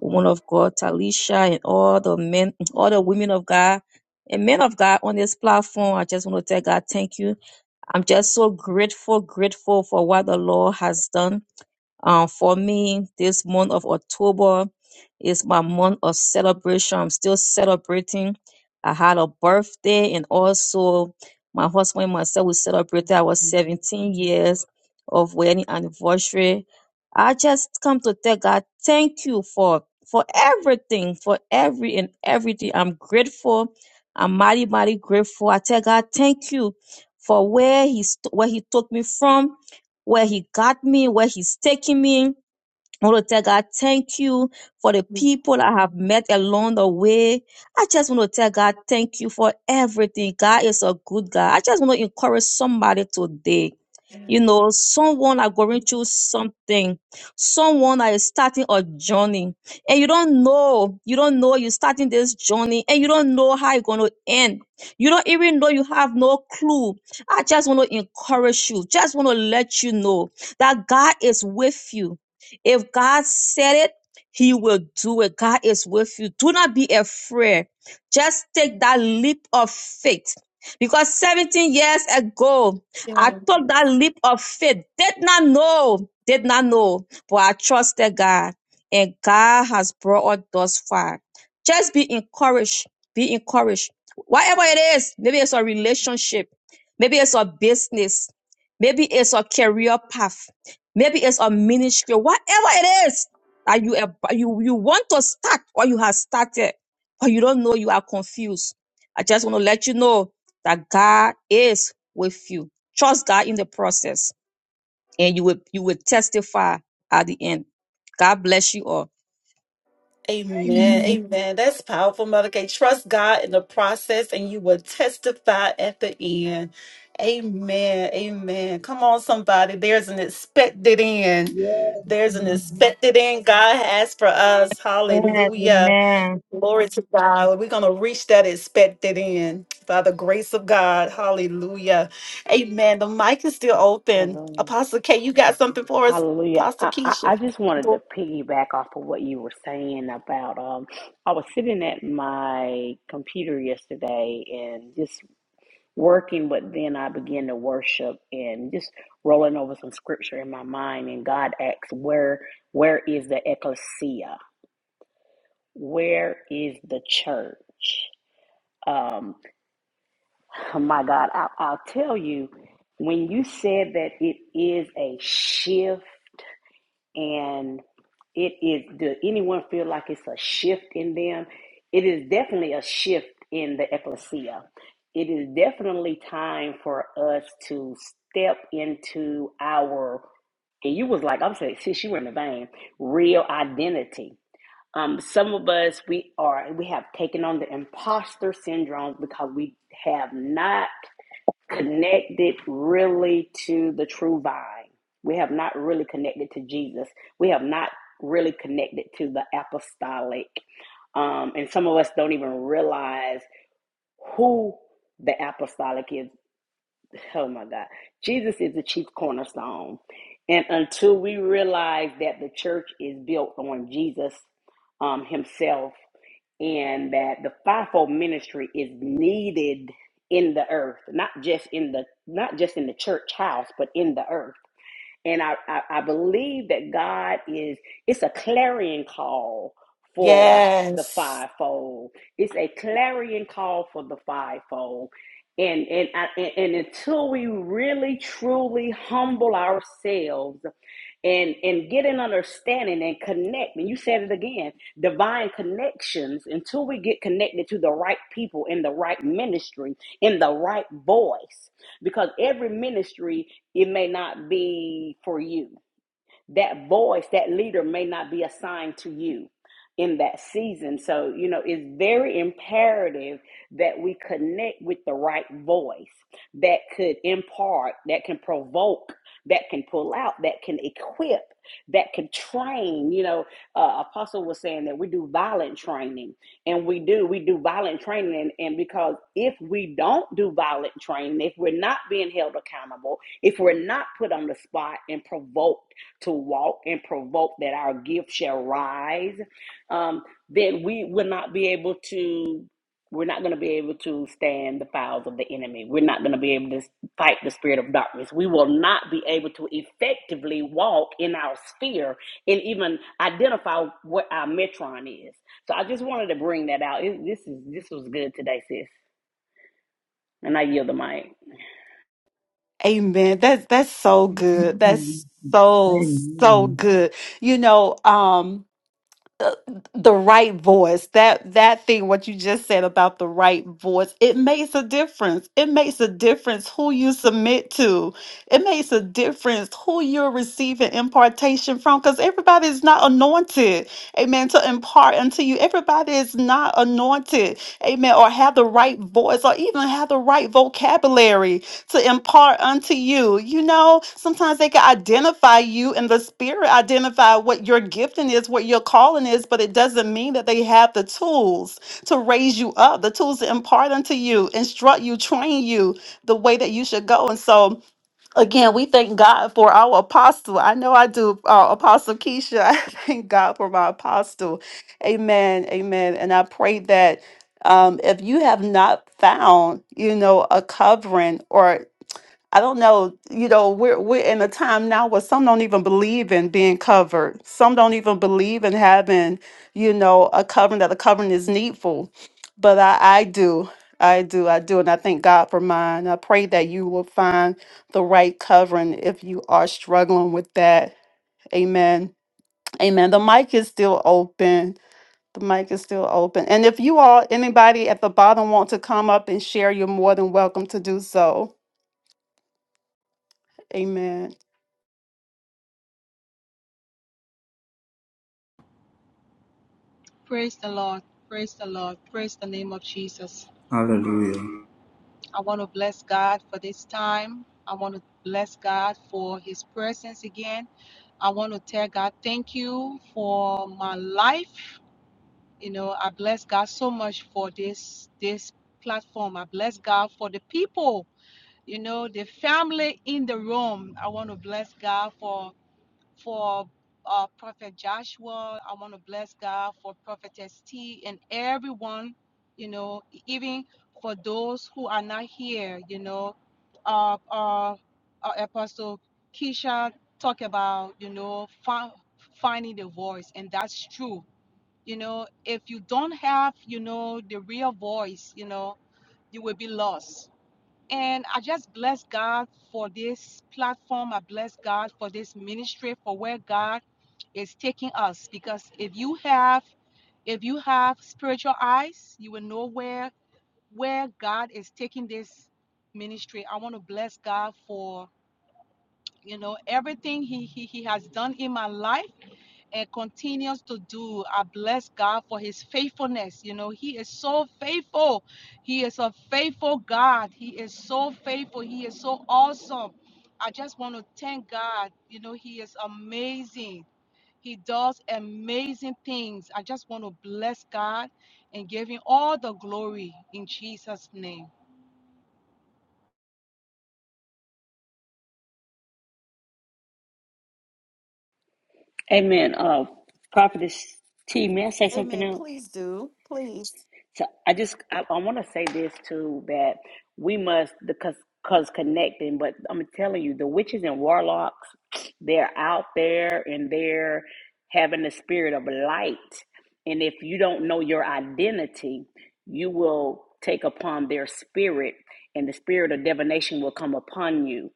Speaker 2: woman of God, Talisha, and all the men, all the women of God. And men of God on this platform, I just want to tell God, thank you. I'm just so grateful, grateful for what the Lord has done. Um, for me, this month of October is my month of celebration. I'm still celebrating. I had a birthday, and also my husband and myself we celebrated our 17 years of wedding anniversary. I just come to tell God, thank you for for everything, for every and everything. I'm grateful. I'm mighty, mighty grateful. I tell God, thank you for where He st- where He took me from where he got me, where he's taking me. I want to tell God, thank you for the people I have met along the way. I just want to tell God, thank you for everything. God is a good God. I just want to encourage somebody today. You know, someone are going through something. Someone that is starting a journey and you don't know, you don't know you're starting this journey and you don't know how it's going to end. You don't even know you have no clue. I just want to encourage you. Just want to let you know that God is with you. If God said it, he will do it. God is with you. Do not be afraid. Just take that leap of faith. Because 17 years ago, I took that leap of faith. Did not know, did not know, but I trusted God. And God has brought us thus far. Just be encouraged. Be encouraged. Whatever it is, maybe it's a
Speaker 1: Mm.
Speaker 2: relationship, maybe it's a business, maybe it's a career path. Maybe it's a ministry, whatever it is that you ab- you you want to start or you have started, but you don't know you are confused. I just want to let you know that God is with you. Trust God in the process, and you will you will testify at the end. God bless you all.
Speaker 1: Amen.
Speaker 6: Amen.
Speaker 1: Amen. That's powerful, Mother K. Trust God in the process and you will testify at the end. Amen. Amen. Come on, somebody. There's an expected end. There's an
Speaker 6: Yes.
Speaker 1: expected end God has for us. Hallelujah.
Speaker 2: Amen.
Speaker 1: Glory to God. We're going to reach that expected end by the grace of God. Hallelujah. Amen. The mic is still open.
Speaker 4: Hallelujah.
Speaker 1: Apostle K, you got something for us?
Speaker 4: Hallelujah.
Speaker 1: Apostle
Speaker 4: I, I, I
Speaker 1: Keisha.
Speaker 4: just wanted to piggyback off of what you were saying about um I was sitting at my computer yesterday and just working, but then I began to worship and just rolling over some scripture in my mind and God asks where where is the ecclesia? Where is the church? Um oh my God, I, I'll tell you when you said that it is a shift and it is does anyone feel like it's a shift in them it is definitely a shift in the ecclesia it is definitely time for us to step into our and you was like i'm saying since you were in the vein real identity um, some of us we are we have taken on the imposter syndrome because we have not connected really to the true vine. We have not really connected to Jesus. We have not really connected to the apostolic. Um, and some of us don't even realize who the apostolic is. Oh my God. Jesus is the chief cornerstone. And until we realize that the church is built on Jesus um, Himself, and that the fivefold ministry is needed in the earth, not just in the not just in the church house, but in the earth. And I, I, I believe that God is it's a clarion call for the
Speaker 1: Yes.
Speaker 4: fivefold. It's a clarion call for the fivefold. And and I, and and until we really truly humble ourselves and and get an understanding and connect and you said it again divine connections until we get connected to the right people in the right ministry in the right voice because every ministry it may not be for you that voice, that leader may not be assigned to you in that season. So, you know, it's very imperative that we connect with the right voice that could impart, that can provoke, that can pull out, that can equip, that can train. You know, uh, Apostle was saying that we do violent training, and we do, we do violent training. And, and because if we don't do violent training, if we're not being held accountable, if we're not put on the spot and provoked, to walk and provoke that our gift shall rise, um, then we will not be able to. We're not going to be able to stand the files of the enemy. We're not going to be able to fight the spirit of darkness. We will not be able to effectively walk in our sphere and even identify what our metron is. So I just wanted to bring that out. It- this is this was good today, sis. And I yield the mic.
Speaker 1: Amen. That's that's so good.
Speaker 6: Amen.
Speaker 1: That's so so
Speaker 6: Amen.
Speaker 1: good. You know, um uh, the right voice. That that thing what you just said about the right voice, it makes a difference. It makes a difference who you submit to. It makes a difference who you're receiving impartation from cuz everybody is not anointed. Amen. To impart unto you. Everybody is not anointed. Amen. Or have the right voice or even have the right vocabulary to impart unto you. You know, sometimes they can identify you in the spirit, identify what your gifting is, what your calling is, but it doesn't mean that they have the tools to raise you up, the tools to impart unto you, instruct you, train you the way that you should go. And so, again, we thank God for our apostle. I know I do, uh, Apostle Keisha. I thank God for my apostle. Amen. Amen. And I pray that um, if you have not found, you know, a covering, or I don't know, you know, we're we're in a time now where some don't even believe in being covered. Some don't even believe in having, you know, a covering that a covering is needful. But I, I do. I do, I do, and I thank God for mine. I pray that you will find the right covering if you are struggling with that. Amen. Amen. The mic is still open. The mic is still open. And if you all, anybody at the bottom want to come up and share, you're more than welcome to do so. Amen.
Speaker 7: Praise the Lord. Praise the Lord. Praise the name of Jesus.
Speaker 3: Hallelujah.
Speaker 7: I want to bless God for this time. I want to bless God for his presence again. I want to tell God thank you for my life. You know, I bless God so much for this this platform. I bless God for the people, you know, the family in the room. I want to bless God for for uh, Prophet Joshua. I want to bless God for Prophetess T and everyone, you know, e-, even for those who are not here, you know, uh, uh, uh, Apostle Keisha talk about, you know, fi- finding the voice, and that's true. You know, if you don't have, you know, the real voice, you know, you will be lost and I just bless God for this platform. I bless God for this ministry, for where God is taking us. Because if you have if you have spiritual eyes, you will know where where God is taking this ministry. I want to bless God for you know everything he, he he has done in my life and continues to do i bless god for his faithfulness you know he is so faithful he is a faithful god he is so faithful he is so awesome i just want to thank god you know he is amazing he does amazing things i just want to bless god and give him all the glory in jesus name
Speaker 4: Amen. Uh, Prophetess T, may I say something
Speaker 1: Amen.
Speaker 4: else?
Speaker 1: Please do. Please.
Speaker 4: So I just I, I want to say this too that we must because cause connecting, but I'm telling you the witches and warlocks they're out there and they're having the spirit of light, and if you don't know your identity, you will take upon their spirit, and the spirit of divination will come upon you,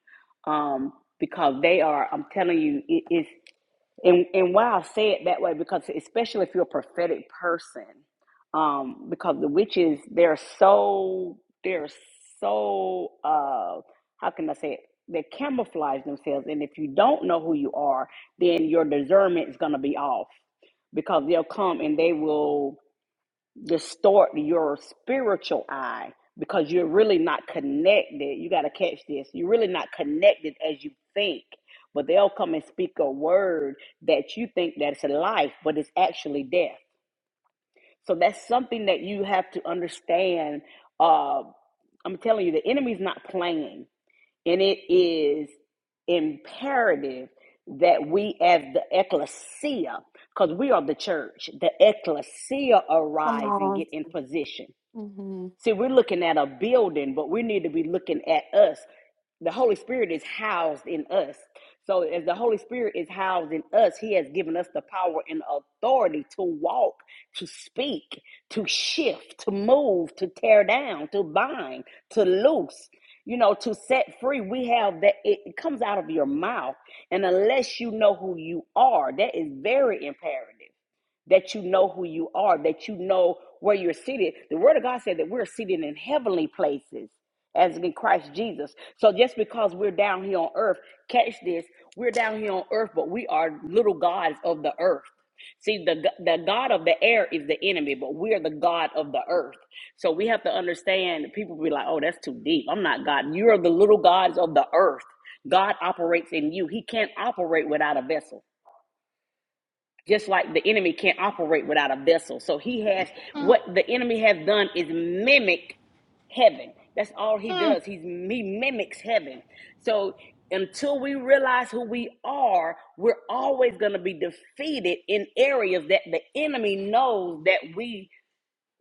Speaker 4: um, because they are. I'm telling you, it is and and why I say it that way because especially if you're a prophetic person, um, because the witches they're so they're so uh how can I say it? They camouflage themselves, and if you don't know who you are, then your discernment is gonna be off because they'll come and they will distort your spiritual eye because you're really not connected. You got to catch this. You're really not connected as you think. But they'll come and speak a word that you think that's life, but it's actually death. So that's something that you have to understand. Uh, I'm telling you, the enemy's not playing, and it is imperative that we, as the ecclesia, because we are the church, the ecclesia
Speaker 1: Come
Speaker 4: arise and
Speaker 1: on.
Speaker 4: get in position.
Speaker 1: hmm
Speaker 4: See, we're looking at a building, but we need to be looking at us. The Holy Spirit is housed in us. So, as the Holy Spirit is housed in us, He has given us the power and authority to walk, to speak, to shift, to move, to tear down, to bind, to loose, you know, to set free. We have that, it comes out of your mouth. And unless you know who you are, that is very imperative that you know who you are, that you know where you're seated. The Word of God said that we're seated in heavenly places as in Christ Jesus. So just because we're down here on earth, catch this, we're down here on earth, but we are little gods of the earth. See, the, the God of the air is the enemy, but we are the God of the earth. So we have to understand people be like, oh, that's too deep. I'm not God. You are the little gods of the earth. God operates in you. He can't operate without a vessel just like the enemy can't operate without a vessel. So he has
Speaker 7: Mm,
Speaker 4: what the enemy has done is mimic heaven. That's all he does. He's he mimics heaven. So until we realize who we are, we're always going to be defeated in areas that the enemy knows that we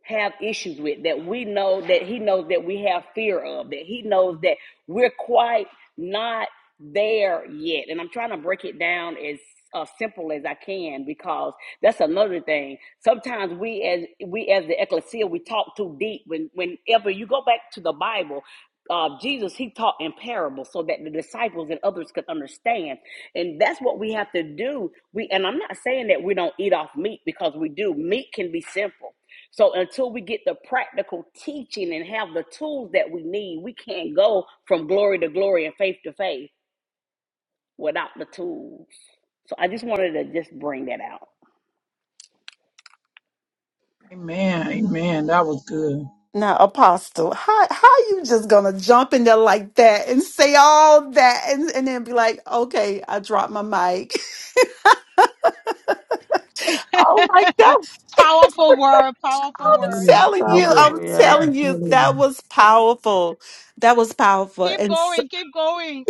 Speaker 4: have issues with that we know that he knows that we have fear of that he knows that we're quite not there yet and i'm trying to break it down as uh, simple as i can because that's another thing sometimes we as we as the ecclesia we talk too deep when whenever you go back to the bible uh, jesus he taught in parables so that the disciples and others could understand and that's what we have to do we and i'm not saying that we don't eat off meat because we do meat can be simple so until we get the practical teaching and have the tools that we need, we can't go from glory to glory and faith to faith without the tools. So I just wanted to just bring that out.
Speaker 6: Amen. Amen. That was good.
Speaker 1: Now, Apostle, how how you just gonna jump in there like that and say all that and, and then be like, okay, I dropped my mic. oh my gosh.
Speaker 7: powerful word
Speaker 6: That
Speaker 7: powerful
Speaker 1: I'm
Speaker 6: was
Speaker 7: word
Speaker 1: telling you,
Speaker 6: good.
Speaker 1: I'm telling you,
Speaker 6: Really.
Speaker 1: that was powerful. That was powerful.
Speaker 7: Keep going, keep going.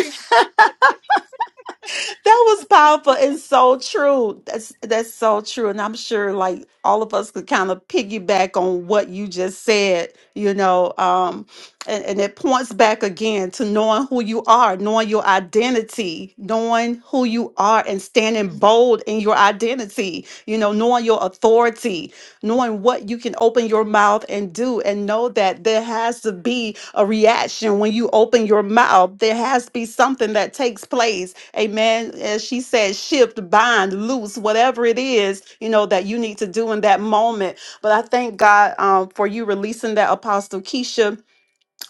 Speaker 1: That was powerful and so true. That's that's so true. And I'm sure like all of us could kind of piggyback on what you just said, you know. Um, and, and it points back again to knowing who you are, knowing your identity, knowing who you are and standing bold in your identity, you know, knowing your authority, knowing what you can open your mouth and do and know that there has to be a reaction when you open your mouth there has to be something that takes place amen as she said shift bind loose whatever it is you know that you need to do in that moment but i thank god um, for you releasing that apostle keisha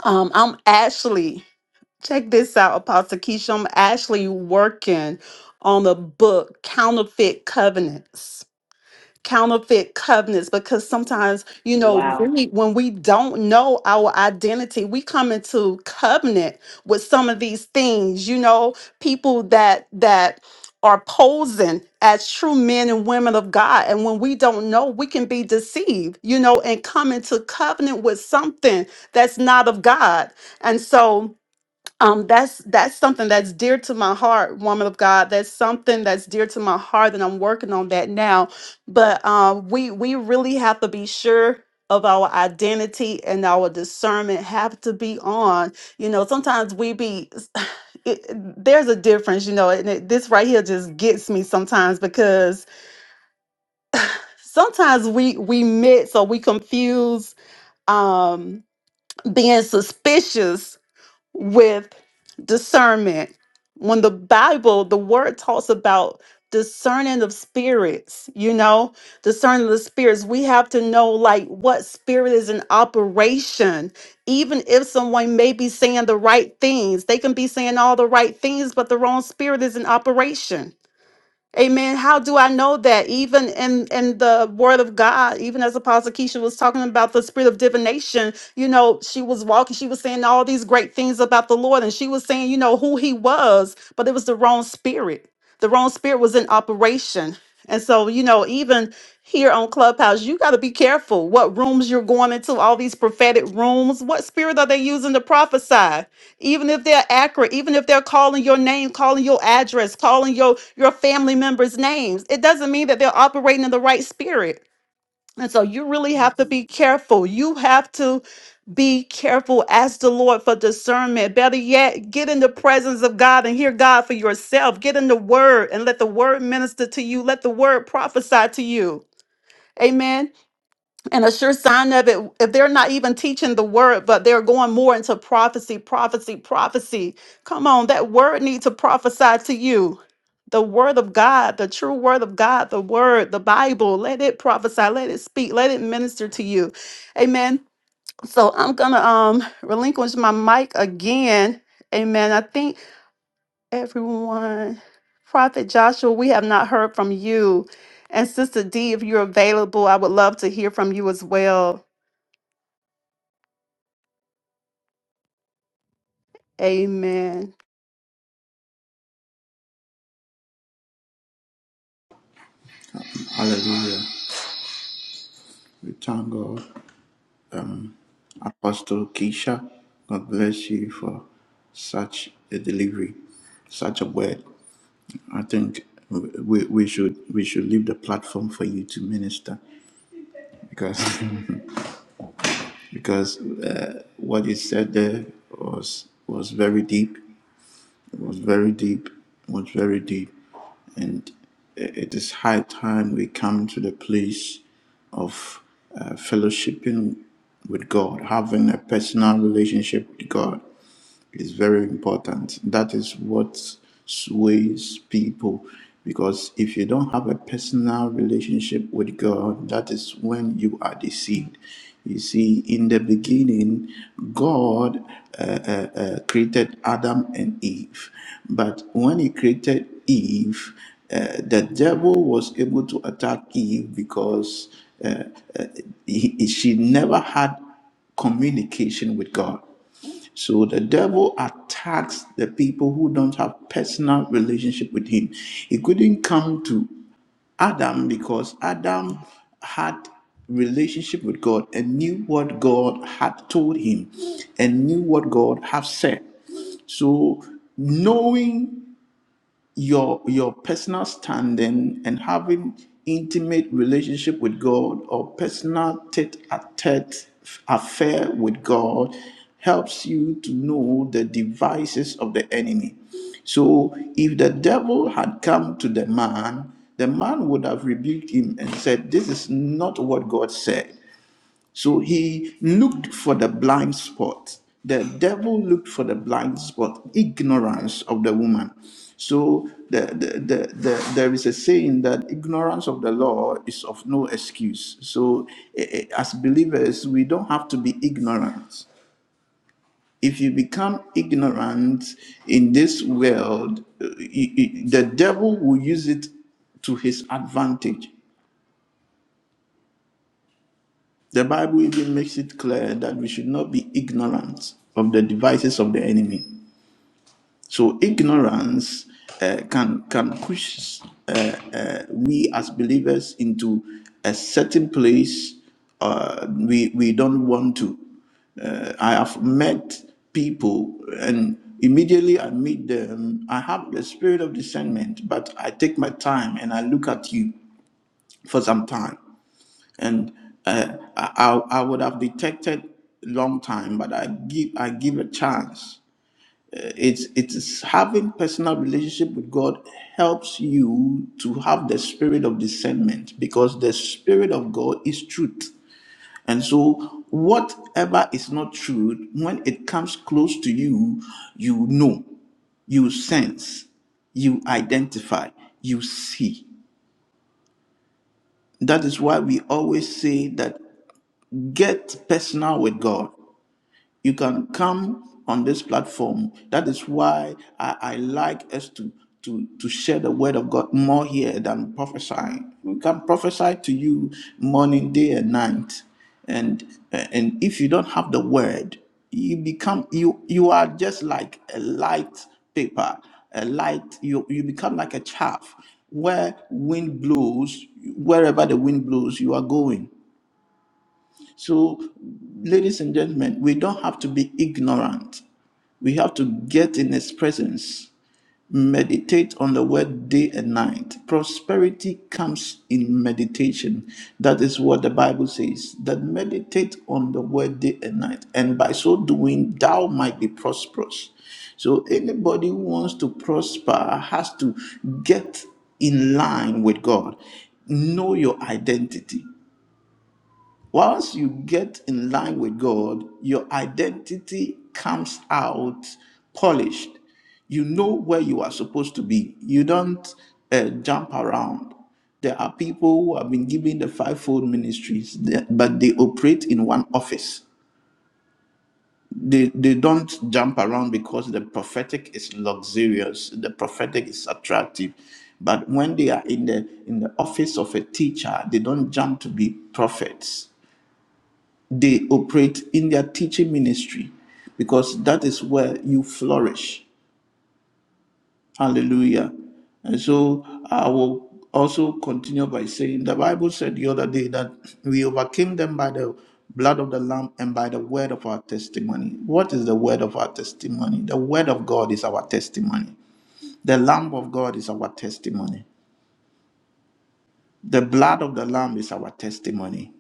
Speaker 1: um, i'm ashley check this out apostle keisha i'm actually working on a book counterfeit covenants counterfeit covenants because sometimes you know
Speaker 4: Wow.
Speaker 1: we, when we don't know our identity we come into covenant with some of these things you know people that that are posing as true men and women of God and when we don't know we can be deceived you know and come into covenant with something that's not of God and so um that's that's something that's dear to my heart woman of god that's something that's dear to my heart and i'm working on that now but um we we really have to be sure of our identity and our discernment have to be on you know sometimes we be it, there's a difference you know and it, this right here just gets me sometimes because sometimes we we mix or we confuse um being suspicious with discernment. When the Bible, the word talks about discerning of spirits, you know, discerning of the spirits, we have to know like what spirit is in operation. Even if someone may be saying the right things, they can be saying all the right things, but the wrong spirit is in operation Amen. How do I know that? Even in in the Word of God, even as Apostle Keisha was talking about the spirit of divination, you know, she was walking, she was saying all these great things about the Lord, and she was saying, you know, who He was, but it was the wrong spirit. The wrong spirit was in operation, and so you know, even here on Clubhouse, you got to be careful what rooms you're going into. All these prophetic rooms, what spirit are they using to prophesy? even if they're accurate even if they're calling your name calling your address calling your your family members names it doesn't mean that they're operating in the right spirit and so you really have to
Speaker 6: Amen.
Speaker 1: be careful you have to be careful ask the lord for discernment better yet get in the presence of god and hear god for yourself get in the word and let the word minister to you let the word prophesy to you amen and a sure sign of it, if they're not even teaching the word, but they're going more into prophecy, prophecy, prophecy. Come on, that word needs to prophesy to you. The word of God, the true word of God, the word, the Bible, let it prophesy, let it speak, let it minister to you. Amen. So I'm gonna um relinquish my mic again. Amen. I think everyone, Prophet Joshua, we have not heard from you. And Sister D, if you're available, I would love to hear from you as well. Amen.
Speaker 3: Hallelujah. We thank God. Apostle Keisha. God bless you for such a delivery, such a word. I think we, we should we should leave the platform for you to minister because because uh, what you said there was was very deep, was very deep, was very deep, and i- it is high time we come to the place of uh, fellowshipping with God, having a personal relationship with God is very important. That is what sways people. Because if you don't have a personal relationship with God, that is when you are deceived. You see, in the beginning, God uh, uh, uh, created Adam and Eve. But when He created Eve, uh, the devil was able to attack Eve because uh, uh, he, she never had communication with God. So the devil attacks the people who don't have personal relationship with him. He couldn't come to Adam because Adam had relationship with God and knew what God had told him and knew what God had said. So knowing your your personal standing and having intimate relationship with God or personal tete-a-tete affair with God helps you to know the devices of the enemy. So if the devil had come to the man, the man would have rebuked him and said, "This is not what God said." So he looked for the blind spot. The devil looked for the blind spot, ignorance of the woman. So the, the, the, the, there is a saying that ignorance of the law is of no excuse. So eh, eh, as believers, we don't have to be ignorant. If you become ignorant in this world, eh, eh, eh, the devil will use it to his advantage. The Bible even makes it clear that we should not be ignorant of the devices of the enemy. So ignorance uh, can can push uh, uh, we as believers into a certain place uh, we we don't want to. Uh, I have met people, and immediately I meet them, I have the spirit of discernment, but I take my time and I look at you for some time and uh, I, I would have detected long time but i give i give a chance Uh, it's it's having personal relationship with god helps you to have the spirit of discernment because the spirit of god is truth and so whatever is not truth when it comes close to you you know you sense you identify you see that is why we always say that Get personal with God. You can come on this platform. That is why I, I like us to, to, to share the word of God more here than prophesying. We can prophesy to you morning, day, and night. And and if you don't have the word, you become you you are just like a light paper, a light, you you become like a chaff where wind blows, wherever the wind blows, you are going. So, ladies and gentlemen, we don't have to be ignorant. We have to get in His presence, meditate on the word day and night. Prosperity comes in meditation. That is what the Bible says that meditate on the word day and night, and by so doing, thou might be prosperous. So, anybody who wants to prosper has to get in line with God, know your identity. Once you get in line with God, your identity comes out polished. You know where you are supposed to be. You don't uh, jump around. There are people who have been given the fivefold ministries, but they operate in one office. They, they don't jump around because the prophetic is luxurious, the prophetic is attractive. But when they are in the in the office of a teacher, they don't jump to be prophets they operate in their teaching ministry because that is where you flourish. Hallelujah. And so I will also continue by saying the Bible said the other day that we overcame them by the blood of the Lamb and by the word of our testimony. What is the word of our testimony? The word of God is our testimony. The Lamb of God is our testimony. The blood of the Lamb is our testimony.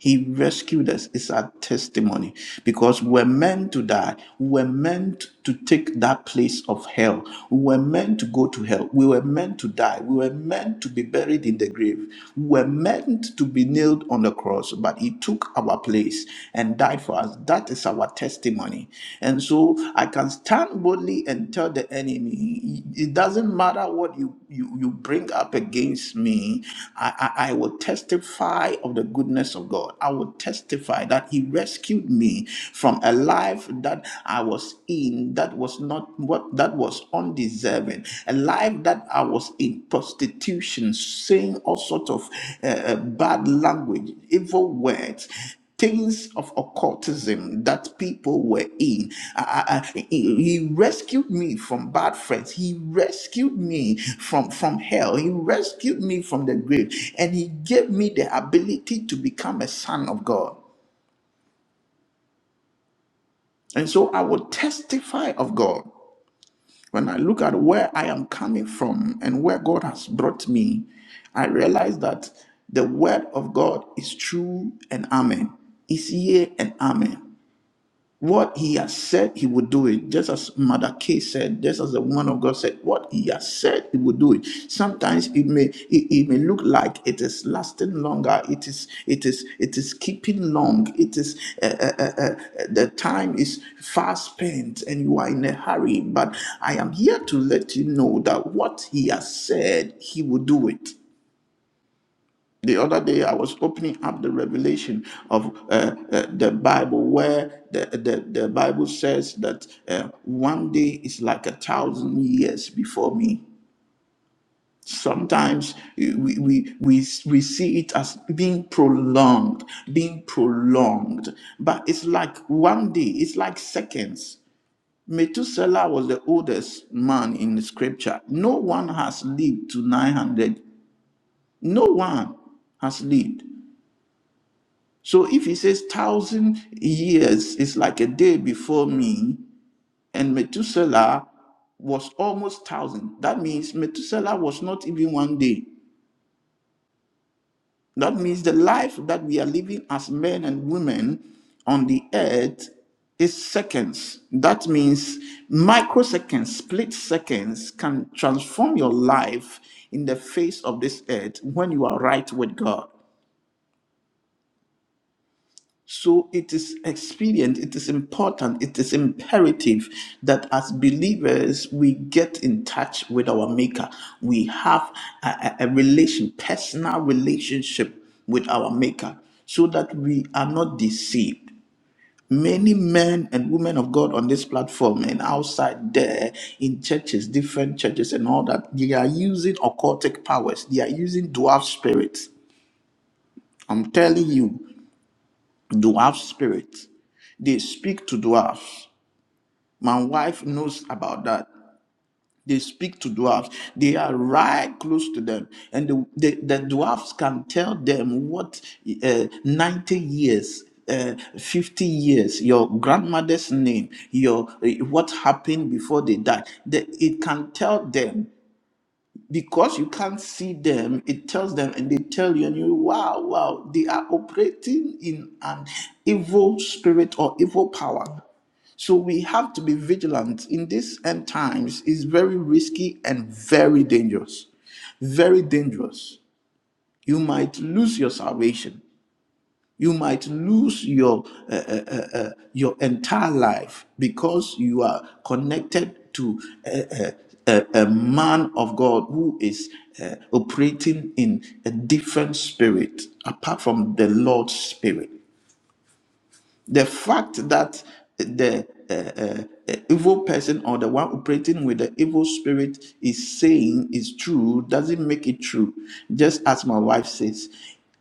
Speaker 3: He rescued us. It's our testimony because we're meant to die. We're meant to take that place of hell. We were meant to go to hell. We were meant to die. We were meant to be buried in the grave. We were meant to be nailed on the cross, but He took our place and died for us. That is our testimony. And so I can can stand boldly and tell the enemy, it doesn't matter what you, you, you bring up against me, I, I, I will testify of the goodness of God. I will testify that He rescued me from a life that I was in that was not what that was undeserving, a life that I was in prostitution, saying all sorts of uh, uh, bad language, evil words things of occultism that people were in. I- I- I- he rescued me from bad friends. He rescued me from, from hell. He rescued me from the grave. And he gave me the ability to become a son of God. And so I will testify of God. When I look at where I am coming from and where God has brought me, I realize that the word of God is true and amen. Is yea and amen. What he has said, he would do it. Just as Mother K said, just as the woman of God said, what he has said, he would do it. Sometimes it may it, it may look like it is lasting longer. It is it is it is keeping long. It is uh, uh, uh, uh, the time is fast spent, and you are in a hurry. But I am here to let you know that what he has said, he will do it. The other day, I was opening up the revelation of uh, uh, the Bible, where the, the, the Bible says that uh, one day is like a thousand years before me. Sometimes we, we, we, we see it as being prolonged, being prolonged, but it's like one day, it's like seconds. Methuselah was the oldest man in the scripture. No one has lived to 900. No one has lived. So if he says thousand years is like a day before me, and Methuselah was almost thousand, that means Methuselah was not even one day. That means the life that we are living as men and women on the earth is seconds. That means microseconds, split seconds can transform your life in the face of this earth when you are right with God. So it is expedient, it is important, it is imperative that as believers we get in touch with our Maker. We have a, a, a relation, personal relationship with our Maker, so that we are not deceived. Many men and women of God on this platform and outside there in churches, different churches, and all that, they are using occultic powers, they are using dwarf spirits. I'm telling you dwarf spirit. They speak to dwarfs. My wife knows about that. They speak to dwarfs. They are right close to them. And the, the, the dwarfs can tell them what uh, 90 years, uh, 50 years, your grandmother's name, your uh, what happened before they died. The, it can tell them because you can't see them it tells them and they tell you and you wow wow they are operating in an evil spirit or evil power so we have to be vigilant in these end times It's very risky and very dangerous very dangerous you might lose your salvation you might lose your uh, uh, uh, uh, your entire life because you are connected to a, a, a man of God who is uh, operating in a different spirit apart from the Lord's spirit. The fact that the uh, uh, uh, evil person or the one operating with the evil spirit is saying is true doesn't make it true. Just as my wife says,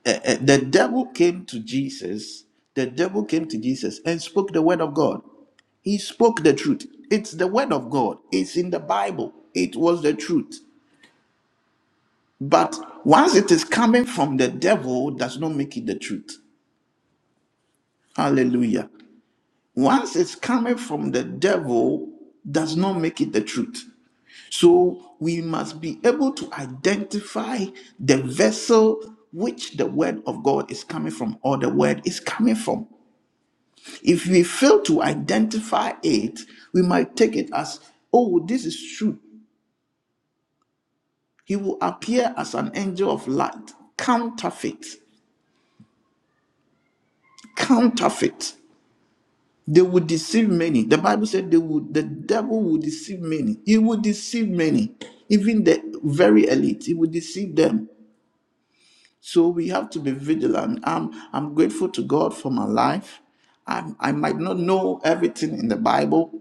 Speaker 3: uh, uh, the devil came to Jesus. The devil came to Jesus and spoke the word of God. He spoke the truth. It's the word of God. It's in the Bible. It was the truth. But once it is coming from the devil, does not make it the truth. Hallelujah. Once it's coming from the devil, does not make it the truth. So we must be able to identify the vessel which the word of God is coming from or the word is coming from. If we fail to identify it, we might take it as, oh, this is true. He will appear as an angel of light, counterfeit, counterfeit. They would deceive many. The Bible said they would the devil will deceive many. He will deceive many. Even the very elite, he will deceive them. So we have to be vigilant. I'm, I'm grateful to God for my life. i I might not know everything in the Bible,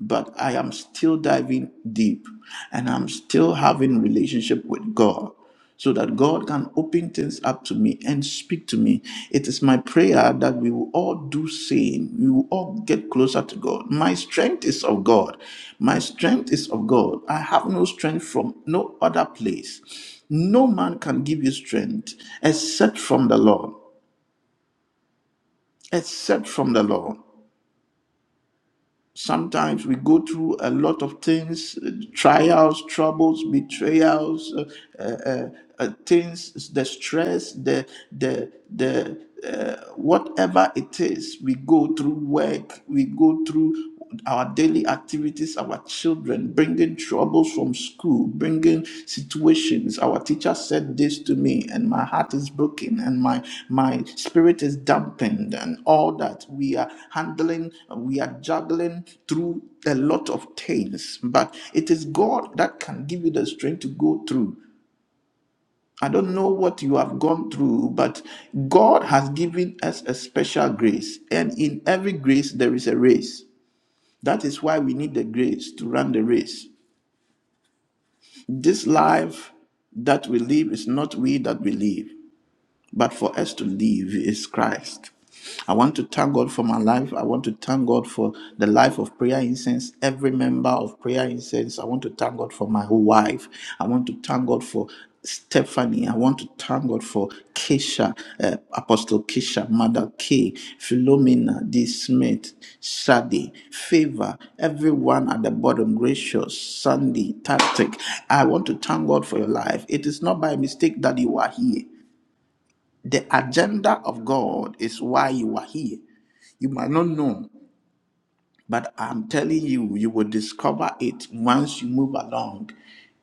Speaker 3: but I am still diving deep and I'm still having relationship with God so that God can open things up to me and speak to me. It is my prayer that we will all do same. We will all get closer to God. My strength is of God. My strength is of God. I have no strength from no other place. No man can give you strength except from the Lord. Except from the Lord. Sometimes we go through a lot of things uh, trials, troubles, betrayals, uh, uh, uh, uh, things, the stress, the, the, the, uh, whatever it is, we go through work, we go through our daily activities, our children, bringing. troubles from school, bringing situations. Our teacher said this to me, and my heart is broken, and my my spirit is dampened, and all that we are handling, we are juggling through a lot of things. But it is God that can give you the strength to go through. I don't know what you have gone through, but God has given us a special grace, and in every grace there is a race. That is why we need the grace to run the race. This life that we live is not we that we live but for us to live is Christ. I want to thank God for my life. I want to thank God for the life of Prayer Incense, every member of Prayer Incense. I want to thank God for my wife. I want to thank God for Stephanie. I want to thank God for Keisha, uh, Apostle Keisha, Mother K, Philomena, D. Smith, Shadi, Favor, everyone at the bottom, Gracious, Sandy, Tactic. I want to thank God for your life. It is not by mistake that you are here. The agenda of God is why you are here. You might not know, but I'm telling you, you will discover it once you move along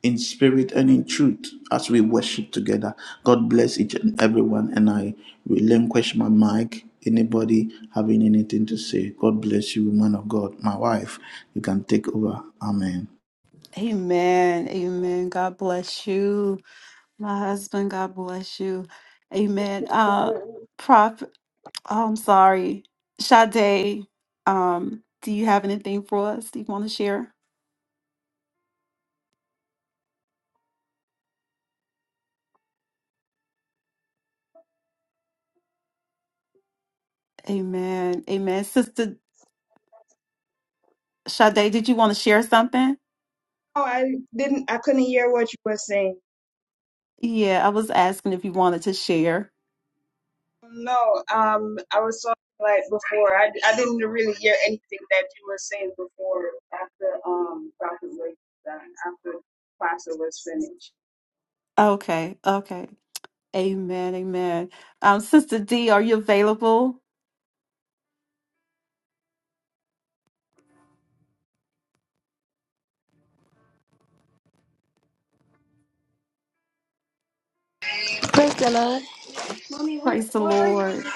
Speaker 3: in spirit and in truth as we worship together. God bless each and everyone. And I relinquish my mic. Anybody having anything to say? God bless you, man of God. My wife, you can take over. Amen.
Speaker 1: Amen. Amen. God bless you. My husband, God bless you. Amen. Uh
Speaker 8: Amen.
Speaker 1: Prof, oh, I'm sorry. Sade, um, do you have anything for us? Do you want to share? Amen. Amen. Sister Sade, did you want to share something?
Speaker 8: Oh, I didn't. I couldn't hear what you were saying.
Speaker 1: Yeah, I was asking if you wanted to share.
Speaker 8: No, um, I was talking like before. I, I didn't really hear anything that you were saying before after um Prophet was done after Pastor was finished.
Speaker 1: Okay, okay. Amen, amen. Um, Sister D, are you available?
Speaker 9: Praise the Lord.
Speaker 1: Praise the Lord.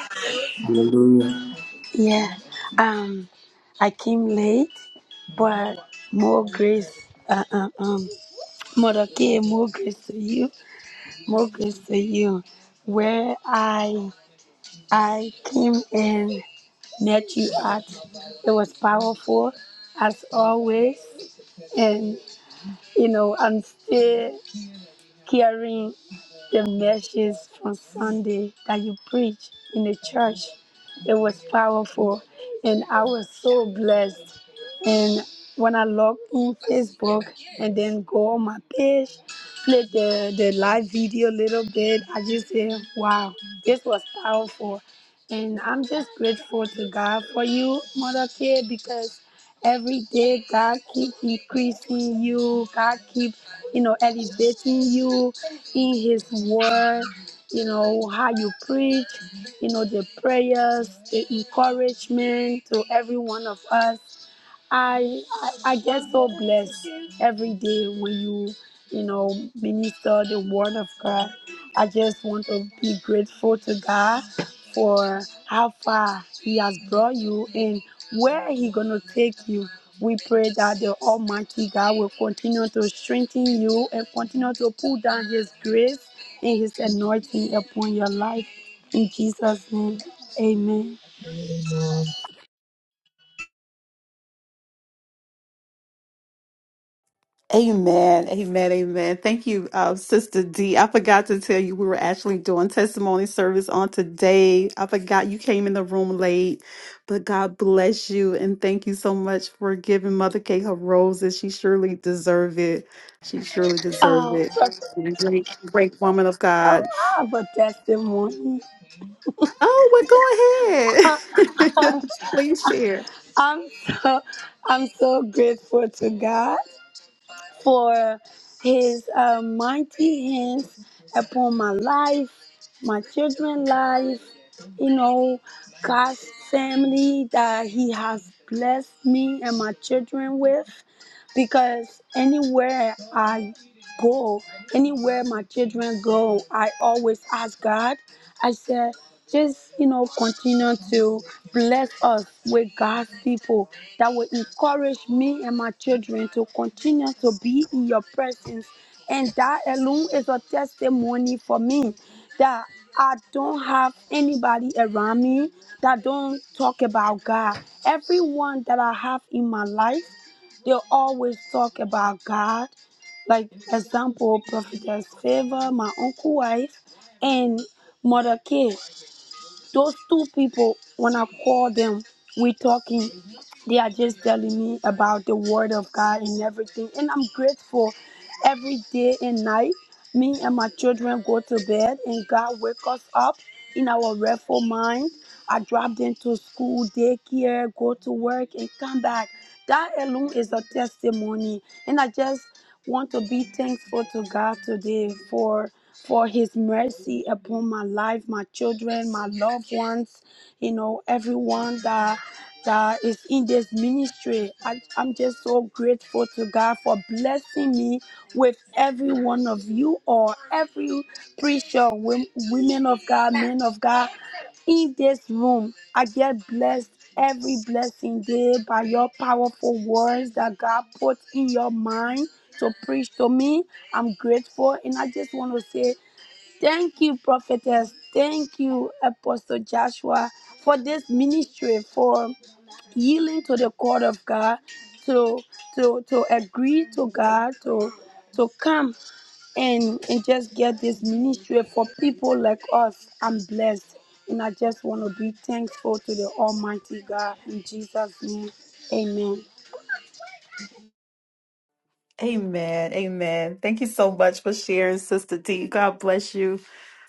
Speaker 3: Hallelujah.
Speaker 9: Yeah. Um, I came late, but more grace. Uh, uh, um, Mother K, more grace to you. More grace to you. Where I I came and met you at, it was powerful as always, and you know I'm still carrying. The message from Sunday that you preached in the church, it was powerful, and I was so blessed. And when I log in Facebook and then go on my page, play the, the live video a little bit, I just say, wow, this was powerful. And I'm just grateful to God for you, Mother K, because every day God keep increasing you, God keep, you know, elevating you in his word, you know, how you preach, you know, the prayers, the encouragement to every one of us. I, I I get so blessed every day when you you know minister the word of God. I just want to be grateful to God for how far He has brought you and where He gonna take you. We pray that the Almighty God will continue to strengthen you and continue to pull down His grace and His anointing upon your life. In Jesus' name, Amen.
Speaker 1: Amen. Amen. Amen. Thank you, uh, Sister D. I forgot to tell you we were actually doing testimony service on today. I forgot you came in the room late, but God bless you and thank you so much for giving Mother K her roses. She surely deserved it. She surely deserved
Speaker 9: Oh,
Speaker 1: it. Great, great woman of God.
Speaker 9: I have a testimony.
Speaker 1: Oh, well, go ahead. Please share.
Speaker 9: I'm so I'm so grateful to God for His uh, mighty hands upon my life, my children's life, you know, God's family that He has blessed me and my children with. Because anywhere I go, anywhere my children go, I always ask God. I said, just you know, continue to bless us with God's people that will encourage me and my children to continue to be in your presence. And that alone is a testimony for me that I don't have anybody around me that don't talk about God. Everyone that I have in my life, they always talk about God. Like example, Prophetess Favor, my uncle wife and Mother K. Those two people, when I call them, we talking. They are just telling me about the Word of God and everything, and I'm grateful. Every day and night, me and my children go to bed, and God wake us up in our restful mind. I drop them to school, daycare, go to work, and come back. That alone is a testimony, and I just want to be thankful to God today for for his mercy upon my life, my children, my loved ones, you know, everyone that that is in this ministry. I, I'm just so grateful to God for blessing me with every one of you or every preacher, wom- women of God, men of God in this room. I get blessed every blessing day by your powerful words that God put in your mind to preach to me. I'm grateful and I just want to say Thank you, prophetess. Thank you, Apostle Joshua, for this ministry, for yielding to the call of God, to to to agree to God, to to come and, and just get this ministry for people like us. I'm blessed. And I just want to be thankful to the Almighty God in Jesus' name. Amen.
Speaker 1: Amen. Amen. Thank you so much for sharing, Sister D. God bless you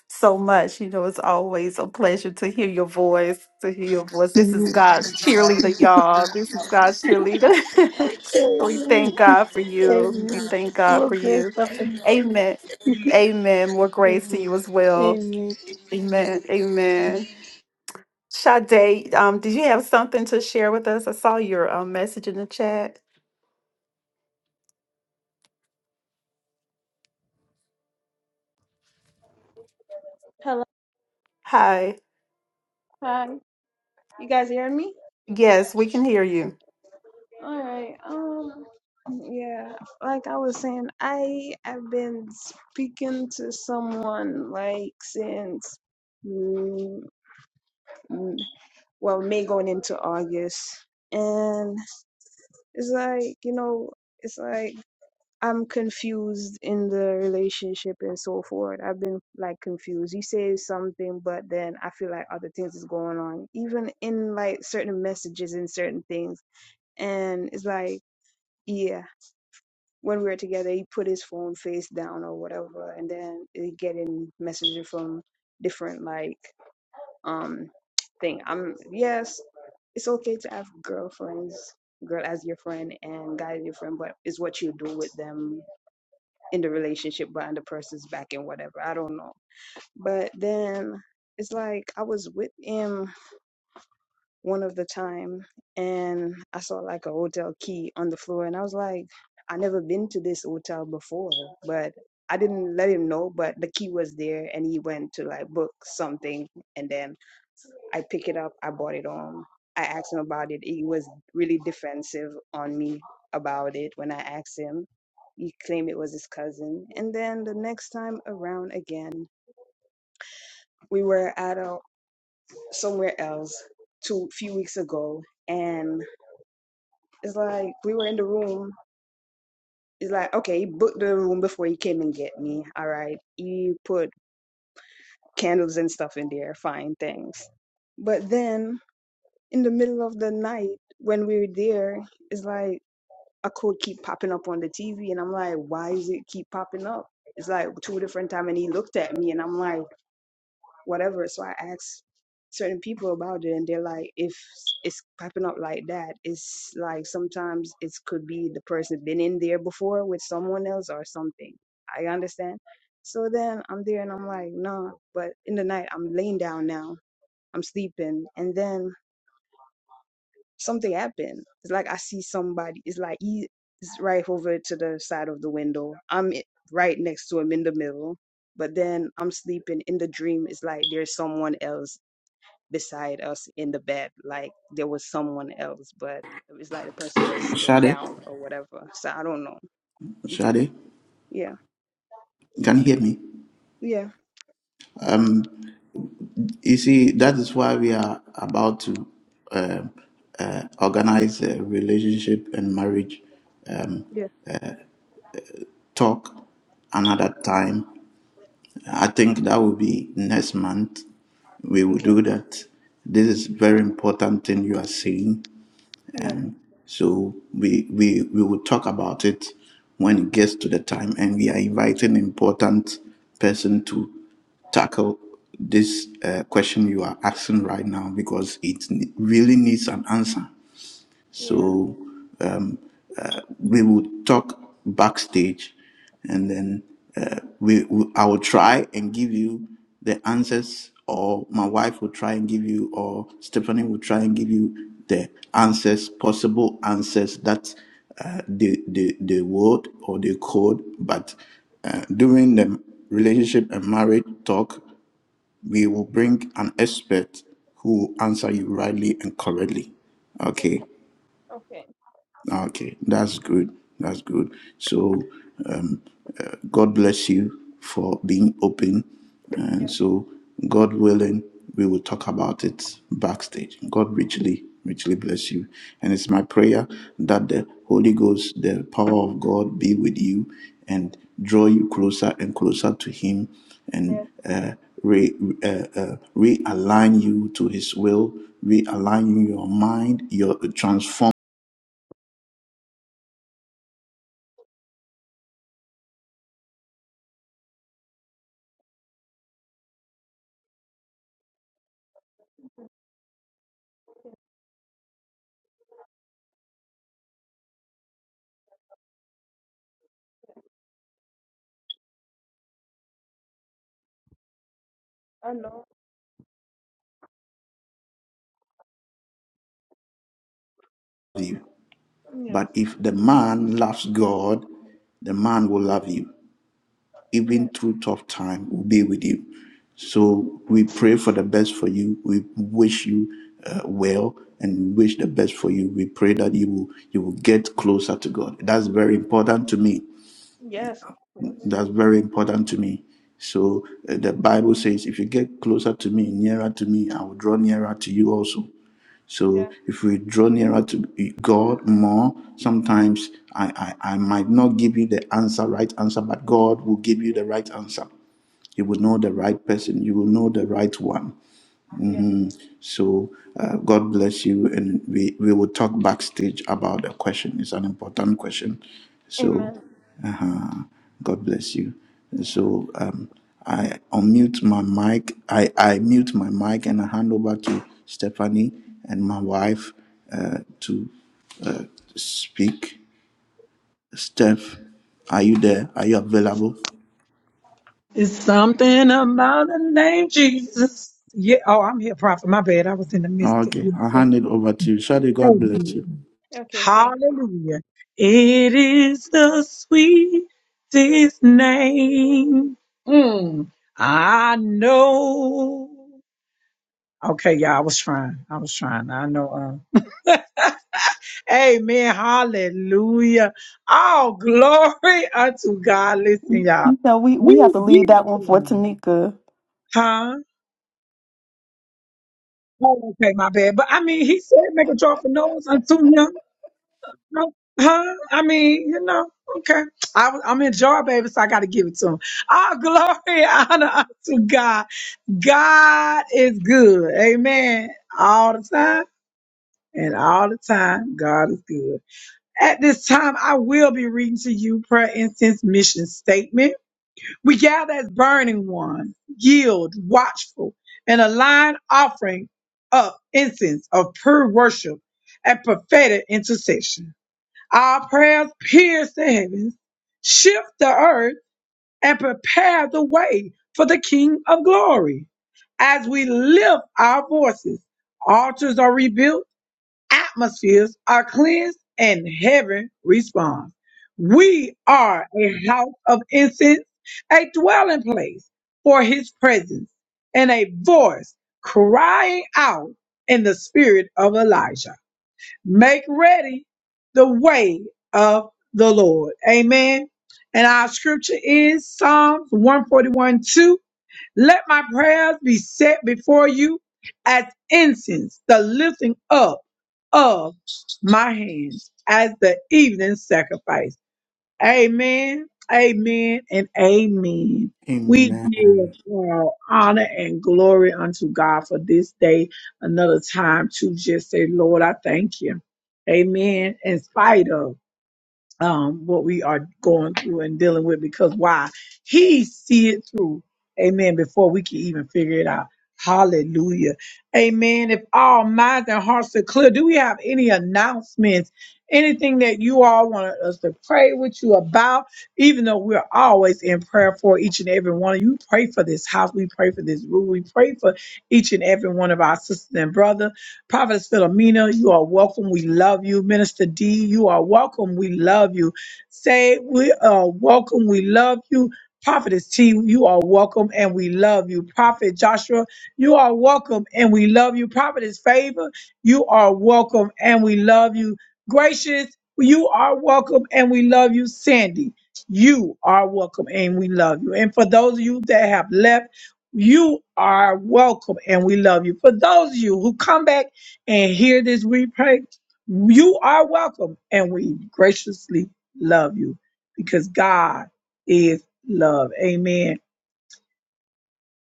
Speaker 1: so much. You know, it's always a pleasure to hear your voice, to hear your voice. This is
Speaker 9: Amen.
Speaker 1: God's cheerleader, y'all. This is God's cheerleader. we thank
Speaker 9: Amen.
Speaker 1: God for you. We
Speaker 9: Amen.
Speaker 1: thank God
Speaker 9: More
Speaker 1: for
Speaker 9: grace,
Speaker 1: you.
Speaker 9: prophetess.
Speaker 1: Amen. Amen. More grace to
Speaker 9: Amen.
Speaker 1: you as well.
Speaker 9: Amen.
Speaker 1: Amen. Amen. Sade, um, did you have something to share with us? I saw your um, message in the chat.
Speaker 8: Hello,
Speaker 1: Hi.
Speaker 8: hi. You guys hearing me?
Speaker 1: Yes, we can hear you.
Speaker 8: All right. Um, yeah. Like I was saying, I i have been speaking to someone like since, mm, mm, well, May going into August, and It's like, you know, it's like I'm confused in the relationship and so forth. I've been like confused. He says something, but then I feel like other things is going on, even in like certain messages and certain things. And it's like, yeah, when we were together, he put his phone face down or whatever, and then he getting messages from different like um thing. I'm yes, it's okay to have girlfriends, girl as your friend and guy as your friend, but it's what you do with them in the relationship behind the person's back and whatever. I don't know. But then it's like I was with him one of the time and I saw like a hotel key on the floor and I was like, I never been to this hotel before, but I didn't let him know, but the key was there and he went to like book something and then. I pick it up. I bought it home. I asked him about it. He was really defensive on me about it when I asked him. He claimed it was his cousin. And then the next time around again, we were at a somewhere else two few weeks ago, and it's like we were in the room. It's like okay, he booked the room before he came and get me. All right, he put candles and stuff in there. Fine, thanks. But then in the middle of the night when we were there, it's like a quote keep popping up on the TV, and I'm like, why is it keep popping up? It's like two different time, and he looked at me, and I'm like, whatever. So I asked certain people about it, and they're like, if it's popping up like that, it's like sometimes it could be the person been in there before with someone else or something. I understand. So then I'm there, and I'm like, nah. But in the night, I'm laying down now. I'm sleeping, and then something happened. It's like I see somebody. It's like he's right over to the side of the window. I'm i- right next to him in the middle, but then I'm sleeping in the dream. It's like there's someone else beside us in the bed. Like there was someone else, but it's like the person was sitting
Speaker 3: Shade,
Speaker 8: down or whatever. So I don't know.
Speaker 3: Shade,
Speaker 8: Yeah.
Speaker 3: you can hear me.
Speaker 8: Yeah.
Speaker 3: Um. You see, that is why we are about to um, uh, organize a relationship and marriage um,
Speaker 8: Yeah.
Speaker 3: talk another time. I think that will be next month. We will
Speaker 8: Okay.
Speaker 3: do that. This is very important thing you are saying,
Speaker 8: Yeah.
Speaker 3: So we we we will talk about it when it gets to the time, and we are inviting important person to tackle this uh, question you are asking right now because it ne- really needs an answer.
Speaker 8: Yeah.
Speaker 3: So um, we will talk backstage and then uh, we, we I will try and give you the answers or my wife will try and give you or Stephanie will try and give you the answers possible answers that uh, the the the word or the code but uh, during the relationship and marriage talk we will
Speaker 8: yeah.
Speaker 3: bring an expert who will answer you rightly and correctly okay
Speaker 8: Okay.
Speaker 3: Okay, that's good. That's good. So, um, uh, God bless you for being open.
Speaker 8: Yeah.
Speaker 3: And so, God willing, we will talk about it backstage. God richly, richly bless you. And it's my prayer that the Holy Ghost, the power of God, be with you and draw you closer and closer to Him
Speaker 8: Yeah.
Speaker 3: and uh, re, uh, uh, realign you to His will, realign your mind, your transform
Speaker 8: I know.
Speaker 3: you.
Speaker 8: Yes.
Speaker 3: But if the man loves God, the man will love you.
Speaker 8: Yeah.
Speaker 3: Even through tough time, will be with you. So we pray for the best for you. We wish you uh, well and wish the best for you. We pray that you will you will get closer to God. That's very important to me.
Speaker 8: Yes, of course.
Speaker 3: That's very important to me. So uh, the Bible says, if you get closer to me, nearer to me, I will draw nearer to you also. So
Speaker 8: Yeah.
Speaker 3: if we draw nearer to God more, sometimes I, I, I might not give you the answer, right answer, but God will give you
Speaker 8: mm,
Speaker 3: the right answer. You will know the right person. You will know the right one.
Speaker 8: Yeah.
Speaker 3: So uh, God bless you, and we we will talk backstage about the question. It's an important question. So
Speaker 8: Amen.
Speaker 3: uh, God bless you. So um, I unmute my mic. I I mute my mic and I hand over to Stephanie and my wife uh, to uh, speak. Steph, are you there? Are you available?
Speaker 6: It's something about the name Jesus. Yeah. Oh, I'm here, prophet. My bad. I was in the midst of
Speaker 3: Okay,
Speaker 6: you.
Speaker 3: I hand it over to you. Shadi, God bless you.
Speaker 6: Amen.
Speaker 8: Okay, thank you.
Speaker 6: Hallelujah. It is the sweetest name. Mm, I know. Okay, yeah, I was trying. I was trying. I know. uh, Amen. Hallelujah. All glory unto God. Listen, y'all.
Speaker 1: You know, we, we have
Speaker 6: We
Speaker 1: to leave that
Speaker 6: give
Speaker 1: one for
Speaker 6: him.
Speaker 1: Tanika.
Speaker 6: Huh? Oh, okay, my bad. But I mean, he said, make a joyful noise unto him. No, Huh? I mean, you know, okay. I, was- I'm in jar, baby, so I got to give it to him. All glory honor unto God. God is good. Amen. All the time and all the time, God is good. At this time, I will be reading to you prayer incense mission statement. We gather as burning ones, yield, watchful, and align offering up incense of pure worship and prophetic intercession. Our prayers pierce the heavens, shift the earth, and prepare the way for the King of glory. As we lift our voices, altars are rebuilt atmospheres are cleansed and heaven responds. We are a house of incense, a dwelling place for his presence, and a voice crying out in the spirit of Elijah. Make ready the way of the Lord. Amen. And our scripture is Psalms one forty one two. Let my prayers be set before you as incense, the lifting up of my hands as the evening sacrifice. Amen, amen, and amen. We
Speaker 3: Amen.
Speaker 6: give all honor and glory unto God for this day, another time to just say, Lord, I thank you. Amen. In spite of um, what we are going through and dealing with because why? He see it through. Amen. Before we can even figure it out. Hallelujah. Amen. If all minds and hearts are clear, do we have any announcements? Anything that you all want us to pray with you about? Even though we're always in prayer for each and every one of you, pray for this house. We pray for this room. We pray for each and every one of our sisters and brothers. Prophetess Philomena, you are welcome. We love you. Minister D, you are welcome. We love you. Say, we are welcome. We love you. Prophetess T, you are welcome and we love you. Prophet Joshua, you are welcome and we love you. Prophetess Favor, you are welcome and we love you. Gracious, you are welcome and we love you. Sandy, you are welcome and we love you. And for those of you that have left, you are welcome and we love you. For those of you who come back, and hear this replay, you are welcome and we graciously love you because God is love. Amen.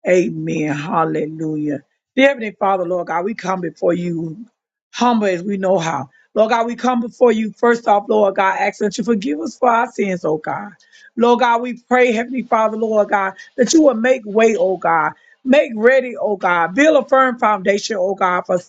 Speaker 6: Amen. Hallelujah. Dear Heavenly Father, Lord God, we come before you humble as we know how. Lord God, we come before you first off, Lord God, asking that you forgive us for our sins, oh God. Lord God, we pray, Heavenly Father, Lord God, that you will make way, oh God. Make ready, oh God. Build a firm foundation, oh God, for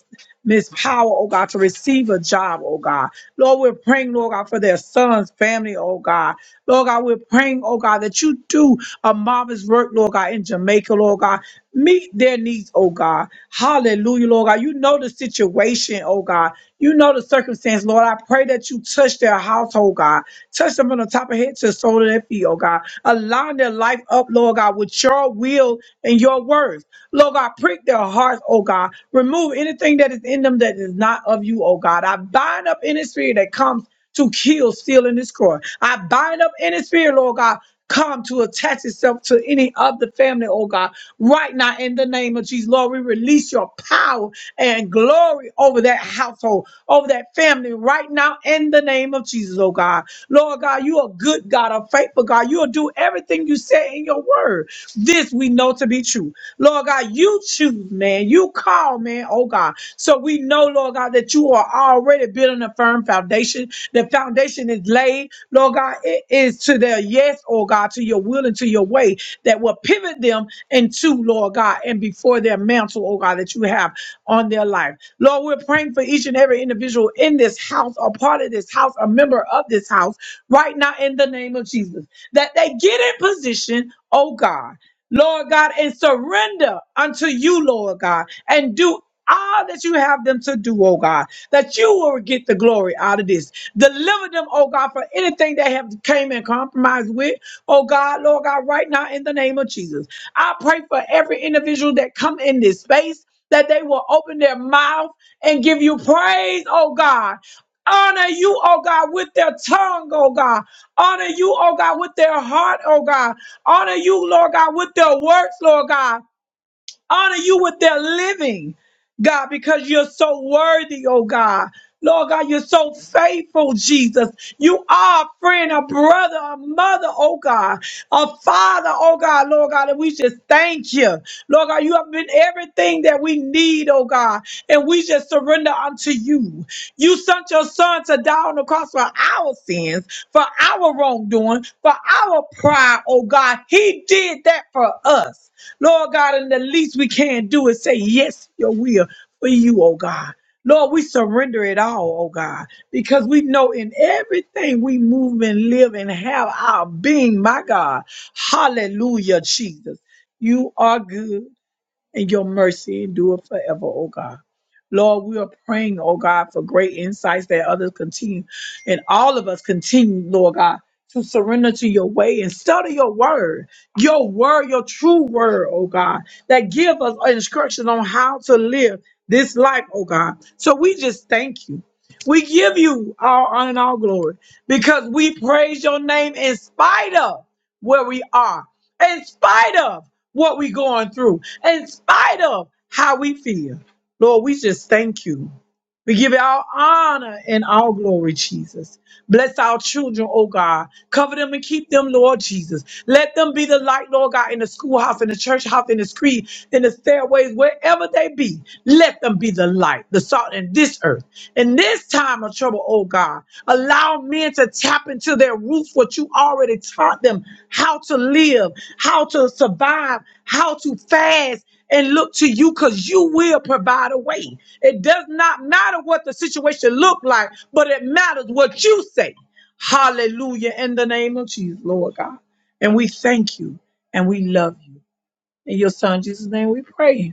Speaker 6: Miss Power, oh God, to receive a job, oh God. Lord, we're praying, Lord God, for their son's family, oh God. Lord God, we're praying, oh God, that you do a marvelous work, Lord God, in Jamaica, Lord God. Meet their needs, oh God. Hallelujah, Lord God. You know the situation, oh God. You know the circumstance, Lord. I pray that you touch their household, God. Touch them on the top of their head to the sole of their feet, oh God. Align their life up, Lord God, with your will and your words. Lord God, prick their hearts, oh God. Remove anything that is in them that is not of you, oh God. I bind up any spirit that comes to kill, steal, and destroy. I bind up any spirit, Lord God, come to attach itself to any of the family, oh God. Right now, in the name of Jesus, Lord, we release your power and glory over that household, over that family, right now, in the name of Jesus, oh God. Lord God, you are good God, a faithful God. You'll do everything you say in your word. This we know to be true. Lord God, you choose, man. You call, man. Oh God. So we know, Lord God, that you are already building a firm foundation. The foundation is laid, Lord God. It is to their yes, oh God, to your will and to your way that will pivot them into, Lord God, and before their mantle, oh God, that you have on their life. Lord, we're praying for each and every individual in this house, a part of this house, a member of this house, right now in the name of Jesus, that they get in position, oh God. Lord God, and surrender unto you, Lord God, and do all that you have them to do, oh God, that you will get the glory out of this. Deliver them, oh God, for anything they have came in compromise with, oh God, Lord God, right now in the name of Jesus. I pray for every individual that come in this space that they will open their mouth and give you praise, oh God. Honor you, oh God, with their tongue, oh God. Honor you, oh God, with their heart, oh God. Honor you, Lord God, with their works, Lord God. Honor you with their living, God, because you're so worthy, oh God. Lord God, you're so faithful, Jesus. You are a friend, a brother, a mother, oh God, a father, oh God, Lord God, and we just thank you. Lord God, you have been everything that we need, oh God, and we just surrender unto you. You sent your son to die on the cross for our sins, for our wrongdoing, for our pride, oh God. He did that for us. Lord God, and the least we can do is say yes to your will for you, oh God. Lord, we surrender it all, oh God, because we know in everything we move and live and have our being, my God. Hallelujah, Jesus. You are good and your mercy endure forever, oh God. Lord, we are praying, oh God, for great insights that others continue and all of us continue, Lord God, to surrender to your way and study your word, your word, your true word, oh God, that give us instruction on how to live this life, oh God. So we just thank you. We give you all honor and all glory because we praise your name in spite of where we are in spite of what we're going through, in spite of how we feel. Lord, we just thank you. We give you all honor and all glory, Jesus. Bless our children, oh God. Cover them and keep them, Lord Jesus. Let them be the light, Lord God, in the schoolhouse, in the church house, in the street, in the stairways, wherever they be. Let them be the light, the salt in this earth. In this time of trouble, oh God, allow men to tap into their roots, what you already taught them, how to live, how to survive, how to fast and look to you because you will provide a way. It does not matter what the situation look like, but it matters what you say. Hallelujah in the name of Jesus, Lord God. And we thank you and we love you. In your son Jesus' name we pray.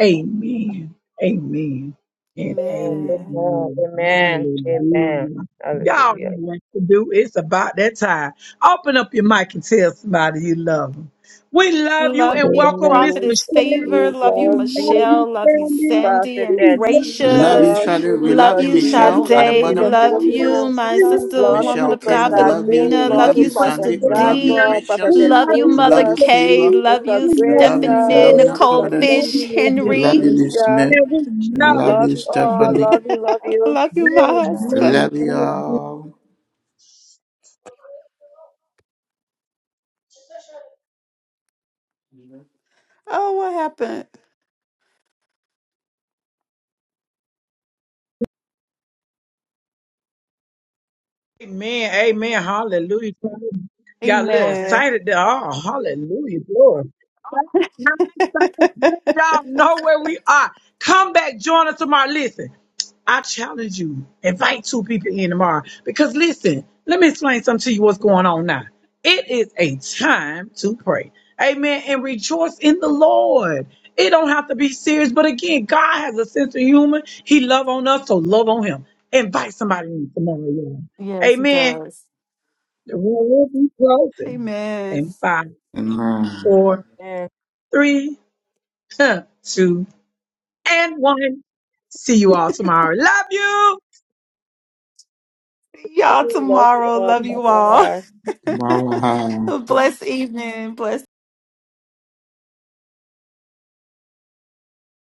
Speaker 6: Amen. Amen. And
Speaker 1: Amen.
Speaker 2: Amen.
Speaker 6: amen.
Speaker 2: Amen. Amen.
Speaker 6: Hallelujah. Y'all
Speaker 2: Hallelujah.
Speaker 6: know what to do. It's about that time. Open up your mic and tell somebody you love them. We love you
Speaker 1: Love
Speaker 6: and
Speaker 1: you,
Speaker 6: welcome Miss
Speaker 2: Amen.
Speaker 1: Prophetess
Speaker 6: Michelle.
Speaker 1: Favor.
Speaker 2: We
Speaker 1: Love you,
Speaker 6: We
Speaker 2: love you.
Speaker 6: love you,
Speaker 1: Michelle. Love you,
Speaker 6: family.
Speaker 1: Sandy
Speaker 2: Prophet
Speaker 1: and
Speaker 6: We
Speaker 2: that T,
Speaker 6: love,
Speaker 3: We
Speaker 6: love
Speaker 3: love you,
Speaker 1: Gracious.
Speaker 6: you,
Speaker 2: Lord, through
Speaker 3: Shadu. We
Speaker 6: Gracie.
Speaker 1: Love
Speaker 3: love
Speaker 2: Sister
Speaker 3: you,
Speaker 1: you,
Speaker 6: We love
Speaker 2: D,
Speaker 6: you,
Speaker 3: Michelle, at
Speaker 2: Lord,
Speaker 6: Dr.
Speaker 3: the
Speaker 2: through
Speaker 1: Sade.
Speaker 2: Sister
Speaker 3: bottom.
Speaker 1: Love
Speaker 8: Love you,
Speaker 6: Favor.
Speaker 1: you,
Speaker 2: Philomena,
Speaker 8: Sister
Speaker 1: my
Speaker 6: We love
Speaker 8: Thomas.
Speaker 6: you,
Speaker 1: sister,
Speaker 8: Love
Speaker 2: Lord,
Speaker 8: you,
Speaker 6: Dr.
Speaker 2: through
Speaker 1: woman
Speaker 3: Michelle
Speaker 1: of
Speaker 8: Prophet.
Speaker 2: Sister
Speaker 3: Kim.
Speaker 1: God,
Speaker 8: Love
Speaker 3: We
Speaker 6: Kay.
Speaker 8: you,
Speaker 2: Sade,
Speaker 3: love
Speaker 6: We
Speaker 3: you.
Speaker 1: Philomena.
Speaker 3: We
Speaker 2: Lord,
Speaker 1: Love
Speaker 6: love
Speaker 3: love
Speaker 2: through
Speaker 6: you,
Speaker 1: you,
Speaker 3: you,
Speaker 8: Stephanie.
Speaker 6: Dr.
Speaker 8: Love
Speaker 2: Prophet
Speaker 1: Sister
Speaker 3: Sandy.
Speaker 8: you,
Speaker 3: We love you,
Speaker 6: Philomena.
Speaker 1: D.
Speaker 2: Joshua,
Speaker 8: Philomena.
Speaker 2: Prophet
Speaker 6: We
Speaker 3: Gracious.
Speaker 1: Love
Speaker 8: Love
Speaker 6: love
Speaker 1: you,
Speaker 8: you,
Speaker 3: We
Speaker 1: Mother
Speaker 8: Sister
Speaker 3: love
Speaker 6: you,
Speaker 3: you,
Speaker 2: Favors,
Speaker 8: D.
Speaker 6: Mr.
Speaker 1: K.
Speaker 3: Favor.
Speaker 6: D.
Speaker 1: Love
Speaker 8: Love
Speaker 2: Sister
Speaker 8: you,
Speaker 1: you,
Speaker 6: We
Speaker 3: We
Speaker 6: love
Speaker 8: Keisha.
Speaker 2: Grace,
Speaker 3: love you,
Speaker 6: you,
Speaker 8: Love
Speaker 1: Stephanie,
Speaker 8: you,
Speaker 6: Shay.
Speaker 3: Philomena
Speaker 8: Philip.
Speaker 1: Nicole
Speaker 2: Sister
Speaker 6: We
Speaker 8: Love
Speaker 3: Providence.
Speaker 6: love
Speaker 8: you,
Speaker 1: Fish,
Speaker 2: Cindy,
Speaker 6: you,
Speaker 3: We
Speaker 6: Father,
Speaker 8: Rachel,
Speaker 2: Sister
Speaker 3: love
Speaker 1: Henry.
Speaker 3: you, D.
Speaker 8: Sandy,
Speaker 2: Michelle,
Speaker 3: Smith.
Speaker 6: and
Speaker 8: and
Speaker 6: we
Speaker 3: We
Speaker 6: love
Speaker 8: Michelle.
Speaker 3: love
Speaker 6: you
Speaker 2: love
Speaker 3: you,
Speaker 2: you all,
Speaker 6: today.
Speaker 3: Stephanie.
Speaker 2: love you, love
Speaker 8: I love
Speaker 2: you,
Speaker 1: Love you, my
Speaker 8: you,
Speaker 3: We
Speaker 8: Bishop.
Speaker 1: husband.
Speaker 6: Amen.
Speaker 3: love you
Speaker 6: Amen.
Speaker 3: all.
Speaker 1: Oh, what happened?
Speaker 6: Amen. Amen. Hallelujah. Got a little
Speaker 1: Amen.
Speaker 6: excited there. Oh, hallelujah. Glory. Thank God, thank God. Y'all know where we are. Come back, join us tomorrow. Listen, I challenge you. Invite two people in tomorrow. Because listen, let me explain something to you what's going on now. It is a time to pray. Amen. And rejoice in the Lord. It don't have to be serious, but again, God has a sense of humor. He love on us, so love on him. Invite somebody in tomorrow, y'all.
Speaker 1: Yes, he
Speaker 6: Amen.
Speaker 1: does.
Speaker 6: The room will be closing in
Speaker 1: Amen.
Speaker 6: five,
Speaker 3: Amen.
Speaker 6: four,
Speaker 2: and
Speaker 6: three, two, and one. See you all tomorrow. Love you.
Speaker 1: See
Speaker 2: we
Speaker 1: y'all
Speaker 2: love you
Speaker 1: tomorrow.
Speaker 2: all,
Speaker 1: Love you all.
Speaker 2: Papa.
Speaker 1: Blessed evening. Blessed.